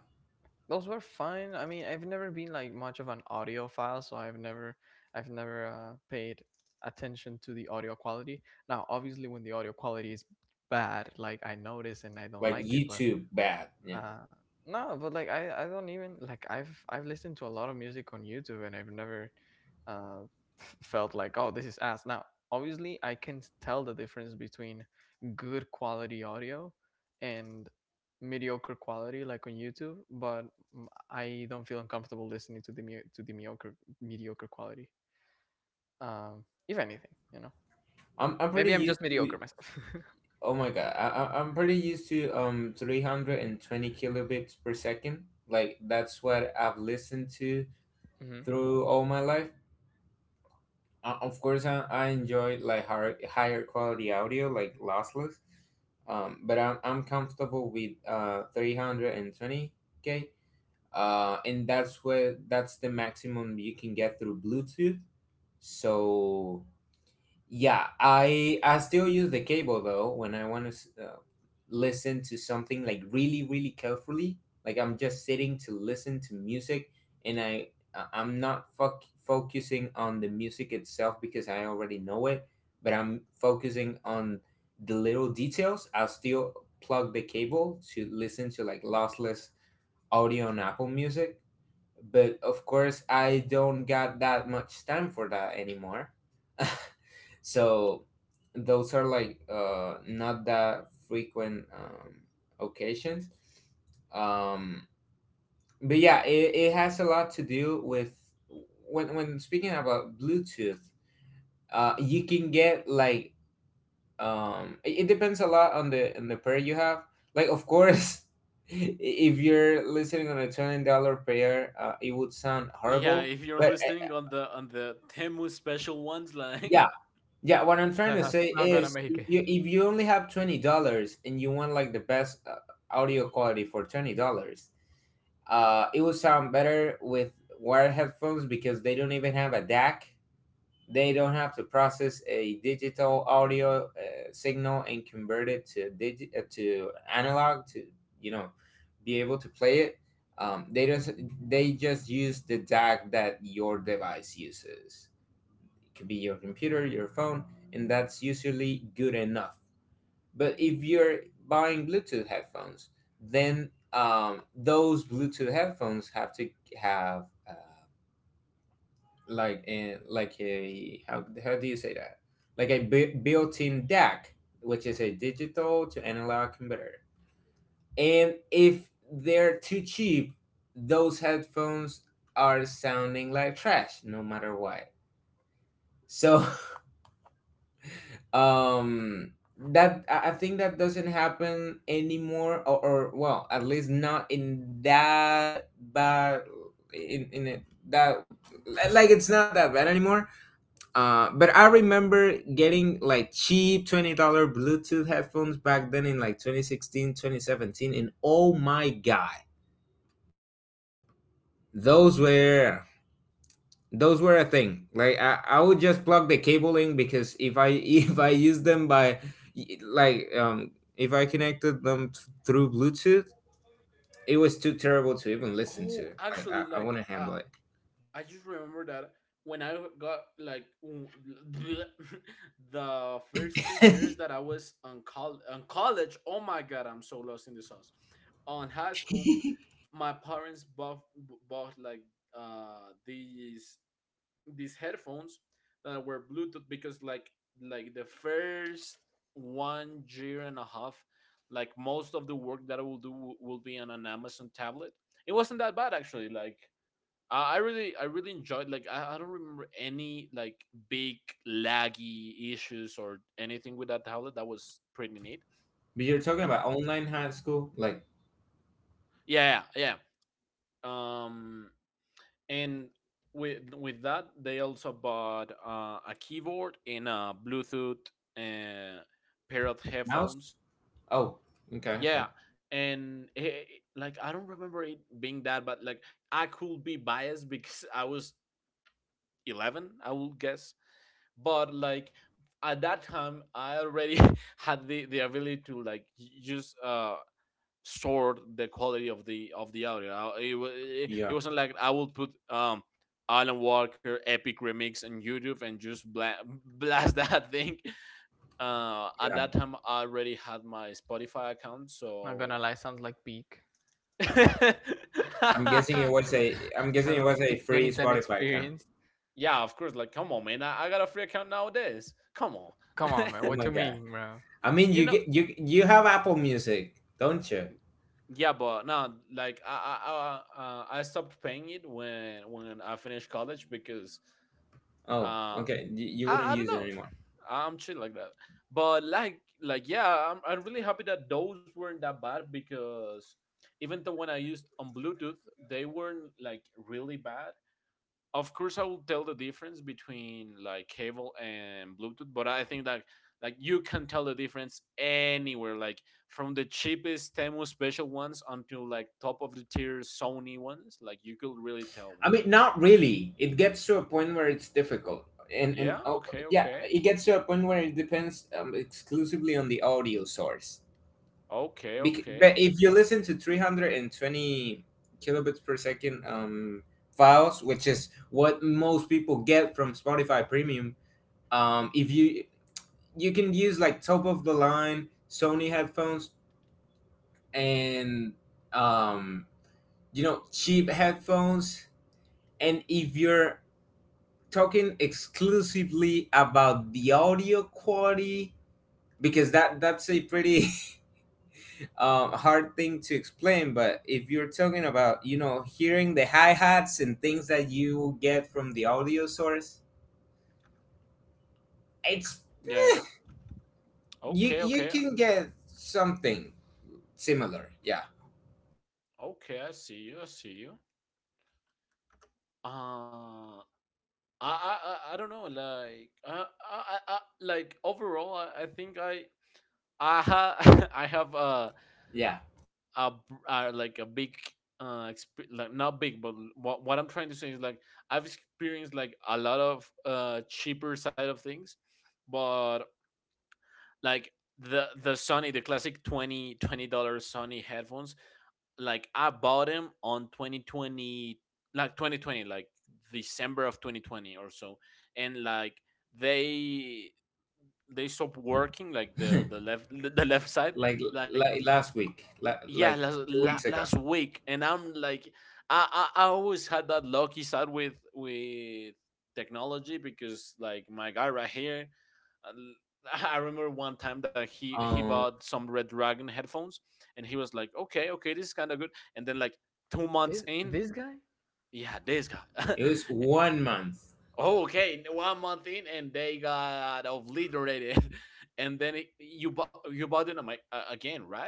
S1: those were fine. I mean, I've never been like much of an audiophile, so I've never paid attention to the audio quality. Now, obviously, when the audio quality is bad, like, I notice and I don't
S3: Like
S1: like it. But
S3: YouTube, bad. Yeah,
S1: uh, no, but I don't even, like, I've listened to a lot of music on YouTube and I've never uh, felt like, oh, this is ass. Now obviously I can tell the difference between good quality audio and mediocre quality like on YouTube, but mm, I don't feel uncomfortable listening to to the mediocre quality. If anything, you know,
S3: I'm pretty
S1: maybe I'm just
S3: used
S1: mediocre
S3: to.
S1: myself.
S3: Oh my god, I'm pretty used to 320 kilobits per second. Like that's what I've listened to
S1: Hmm.
S3: through all my life. Of course, I enjoy like higher quality audio, like lossless. But I'm comfortable with 320K, and that's the maximum you can get through Bluetooth. So yeah, I still use the cable though when I want to listen to something like really, really carefully. Like I'm just sitting to listen to music, and I- I'm not fuck focusing on the music itself because I already know it, but I'm focusing on the little details. I'll still plug the cable to listen to like lossless audio on Apple Music, but of course I don't got that much time for that anymore. So those are like not that frequent occasions. um, but yeah, it has a lot to do with when speaking about Bluetooth. You can get like it depends a lot on the pair you have. Like of course if you're listening on a $20 pair, it would sound
S2: Yeah,
S3: horrible.
S2: if you're
S3: But
S2: listening on the Temu special ones, like
S3: yeah, yeah. What I'm trying
S1: Yeah,
S3: to
S1: that's
S3: say
S1: not gonna
S3: is,
S1: make
S3: if
S1: it.
S3: you only have $20 and you want like the best audio quality for $20, it will sound better with wired headphones because they don't even have a DAC. They don't have to process a digital audio signal and convert it to to analog to you know be able to play it. They just they just use the DAC that your device uses. It could be your computer, your phone, and that's usually good enough. But if you're buying Bluetooth headphones, then those Bluetooth headphones have to have like a, like a, how do you say that? Like a built-in DAC, which is a digital to analog converter. And if they're too cheap, those headphones are sounding like trash, no matter what. So um that I think that doesn't happen anymore. Or well, at least not in that bad in it, that like it's not that bad anymore. But I remember getting like cheap $20 Bluetooth headphones back then in like 2016, 2017, and oh my god, those were those were a thing. Like I would just plug the cable in because if I if I use them by like um if I connected them through Bluetooth, it was too terrible to even listen
S2: oh
S3: to. Like
S2: actually
S3: I
S2: like,
S3: wouldn't handle it.
S2: I just remember that when I got like the first 2 years that I was on, on college, oh my god, I'm so lost in the sauce. On high school, my parents bought like these headphones that were Bluetooth because like the first 1 year and a half, like most of the work that I will do will be on an Amazon tablet. It wasn't that bad actually, like I really enjoyed. Like, I don't remember any like big laggy issues or anything with that tablet. That was pretty neat.
S3: But you're talking
S2: And
S3: about online high school, like.
S2: yeah, yeah. Um, and with that, they also bought a keyboard and a Bluetooth uh, pair of headphones.
S3: Mouse. Oh, okay, okay.
S2: Yeah, and it, like I don't remember it being that, but like I could be biased because I was 11, I will guess, but like at that time I already had the ability to like just sort the quality of the audio. It, it
S3: Yeah,
S2: wasn't like I would put Alan Walker epic remix on YouTube and just blast that thing. At
S3: yeah.
S2: that time I already had my Spotify account,
S1: Not
S2: so
S1: gonna lie, sounds like peak.
S3: I'm guessing it was a i'm
S1: So
S3: guessing it
S1: like
S3: was a
S1: peak
S3: free
S1: 2010
S3: Spotify account?
S1: experience.
S2: yeah, of course, like come on man, I got a free account nowadays, come on.
S1: Come on, man.
S3: Oh
S1: What you
S3: my god,
S1: mean, bro?
S3: I mean,
S2: You
S3: you
S2: know.
S3: get you you have Apple Music, don't you?
S2: Yeah, but no, like I stopped paying it when I finished college because
S3: Oh,
S2: uh
S3: okay, you wouldn't
S2: I don't
S3: use it
S2: know,
S3: anymore.
S2: I'm chill like that. But yeah, I'm really happy that those weren't that bad because even though when I used on Bluetooth they weren't like really bad, of course I will tell the difference between like cable and Bluetooth. But I think that like you can tell the difference anywhere, like from the cheapest Temu special ones until like top of the tier Sony ones, like you could really tell
S3: I
S2: when.
S3: mean, not really. It gets to a point where it's difficult, and and
S2: Yeah,
S3: oh,
S2: okay,
S3: yeah,
S2: okay,
S3: it gets to a point where it depends exclusively on the audio source.
S2: okay,
S3: But
S2: okay,
S3: if you listen to 320 kilobits per second files, which is what most people get from Spotify Premium, if you, you can use like top of the line Sony headphones and um, you know, cheap headphones, and if you're talking exclusively about the audio quality, because that's a pretty hard thing to explain. But if you're talking about, you know, hearing the hi-hats and things that you get from the audio source, it's
S2: yeah,
S3: eh,
S2: yeah.
S3: you
S2: Okay,
S3: you
S2: okay,
S3: can get something similar, yeah.
S2: okay, I see you, I see you. uh I don't know like, I like overall I think I ha I have
S3: Yeah,
S2: a like a big like not big, but what I'm trying to say is like I've experienced like a lot of cheaper side of things, but like the Sony, the classic 20 20 dollar Sony headphones, like I bought them on 2020, like 2020, like December of 2020 or so, and like they they stopped working, like the left, the left side,
S3: like
S2: like
S3: like last week,
S2: yeah,
S3: like
S2: last
S3: two weeks ago.
S2: last week. And I'm like, I always had that lucky side with technology, because like my guy right here, I remember one time that he
S3: um
S2: bought some Red Dragon headphones, and he was like, okay, okay, this is kind of good. And then like two
S1: This
S2: months in.
S1: this guy?
S2: Yeah, this guy.
S3: it was 1 month.
S2: Oh, okay, 1 month in and they got obliterated. And then it, you bought, you bought it, I'm like, again, right?"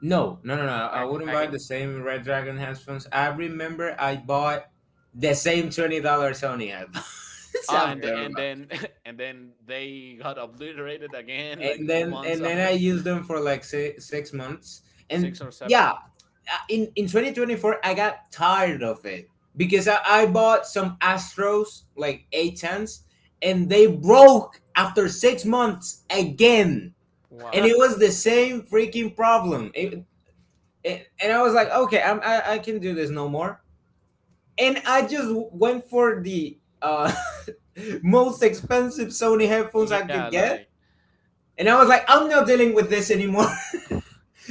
S3: No, no, no, no.
S1: Like
S3: I wouldn't buy
S1: again?
S3: the same Red Dragon headphones. I remember I bought the same $20 Sony headphones
S2: Ah, and
S1: Okay.
S3: after
S2: the- and
S3: that,
S2: then and then they got obliterated again like
S3: and
S2: two
S3: then
S2: months
S3: and then I
S2: after.
S3: used them for like 6 months. And
S2: Six or seven.
S3: yeah, in 2024, I got tired of it because I bought some Astros like A tens, and they broke after 6 months again,
S1: Wow.
S3: and it was the same freaking problem. And I was like, okay, I can do this no more, and I just went for the most expensive Sony headphones I
S2: Yeah,
S3: could
S2: like
S3: get. And I
S2: l-
S3: was like, I'm not dealing with this anymore.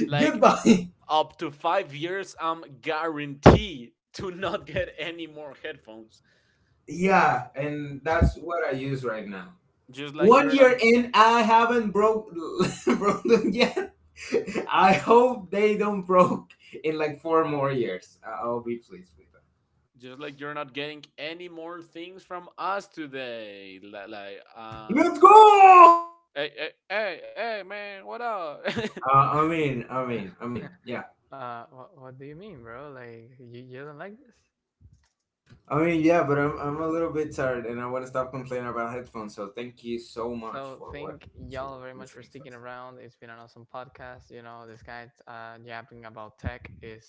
S2: like
S3: Goodbye.
S2: up to 5 years. I'm guaranteed to not get any more headphones.
S3: Yeah, and that's what I use right now.
S2: Just like
S3: One
S2: you're not.
S3: year in, I haven't broke broke them yet. I hope they don't broke in like four more years. I'll be pleased with that.
S2: Just like you're not getting any more things from us today. Like,
S3: Let's go.
S2: hey, hey, hey, hey, man, what up?
S3: I mean, yeah.
S1: What do you mean, bro? Like, you don't like this?
S3: I mean, yeah, but I'm a little bit tired, and I want to stop complaining about headphones. So thank you so much
S1: So
S3: for
S1: thank
S3: what to
S1: y'all very much for
S3: listening to
S1: sticking
S3: us.
S1: around. It's been an awesome podcast. You know, this guy yapping about tech is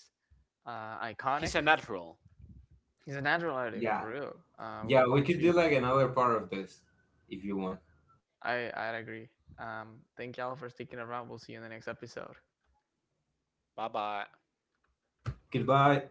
S2: He's
S1: iconic.
S2: a natural.
S1: He's a natural at it, for
S3: Yeah,
S1: real. We
S3: yeah, we could
S1: appreciate.
S3: do like another part of this if you want.
S1: I agree. Thank y'all for sticking around. We'll see you in the next episode.
S2: Bye bye.
S3: Goodbye.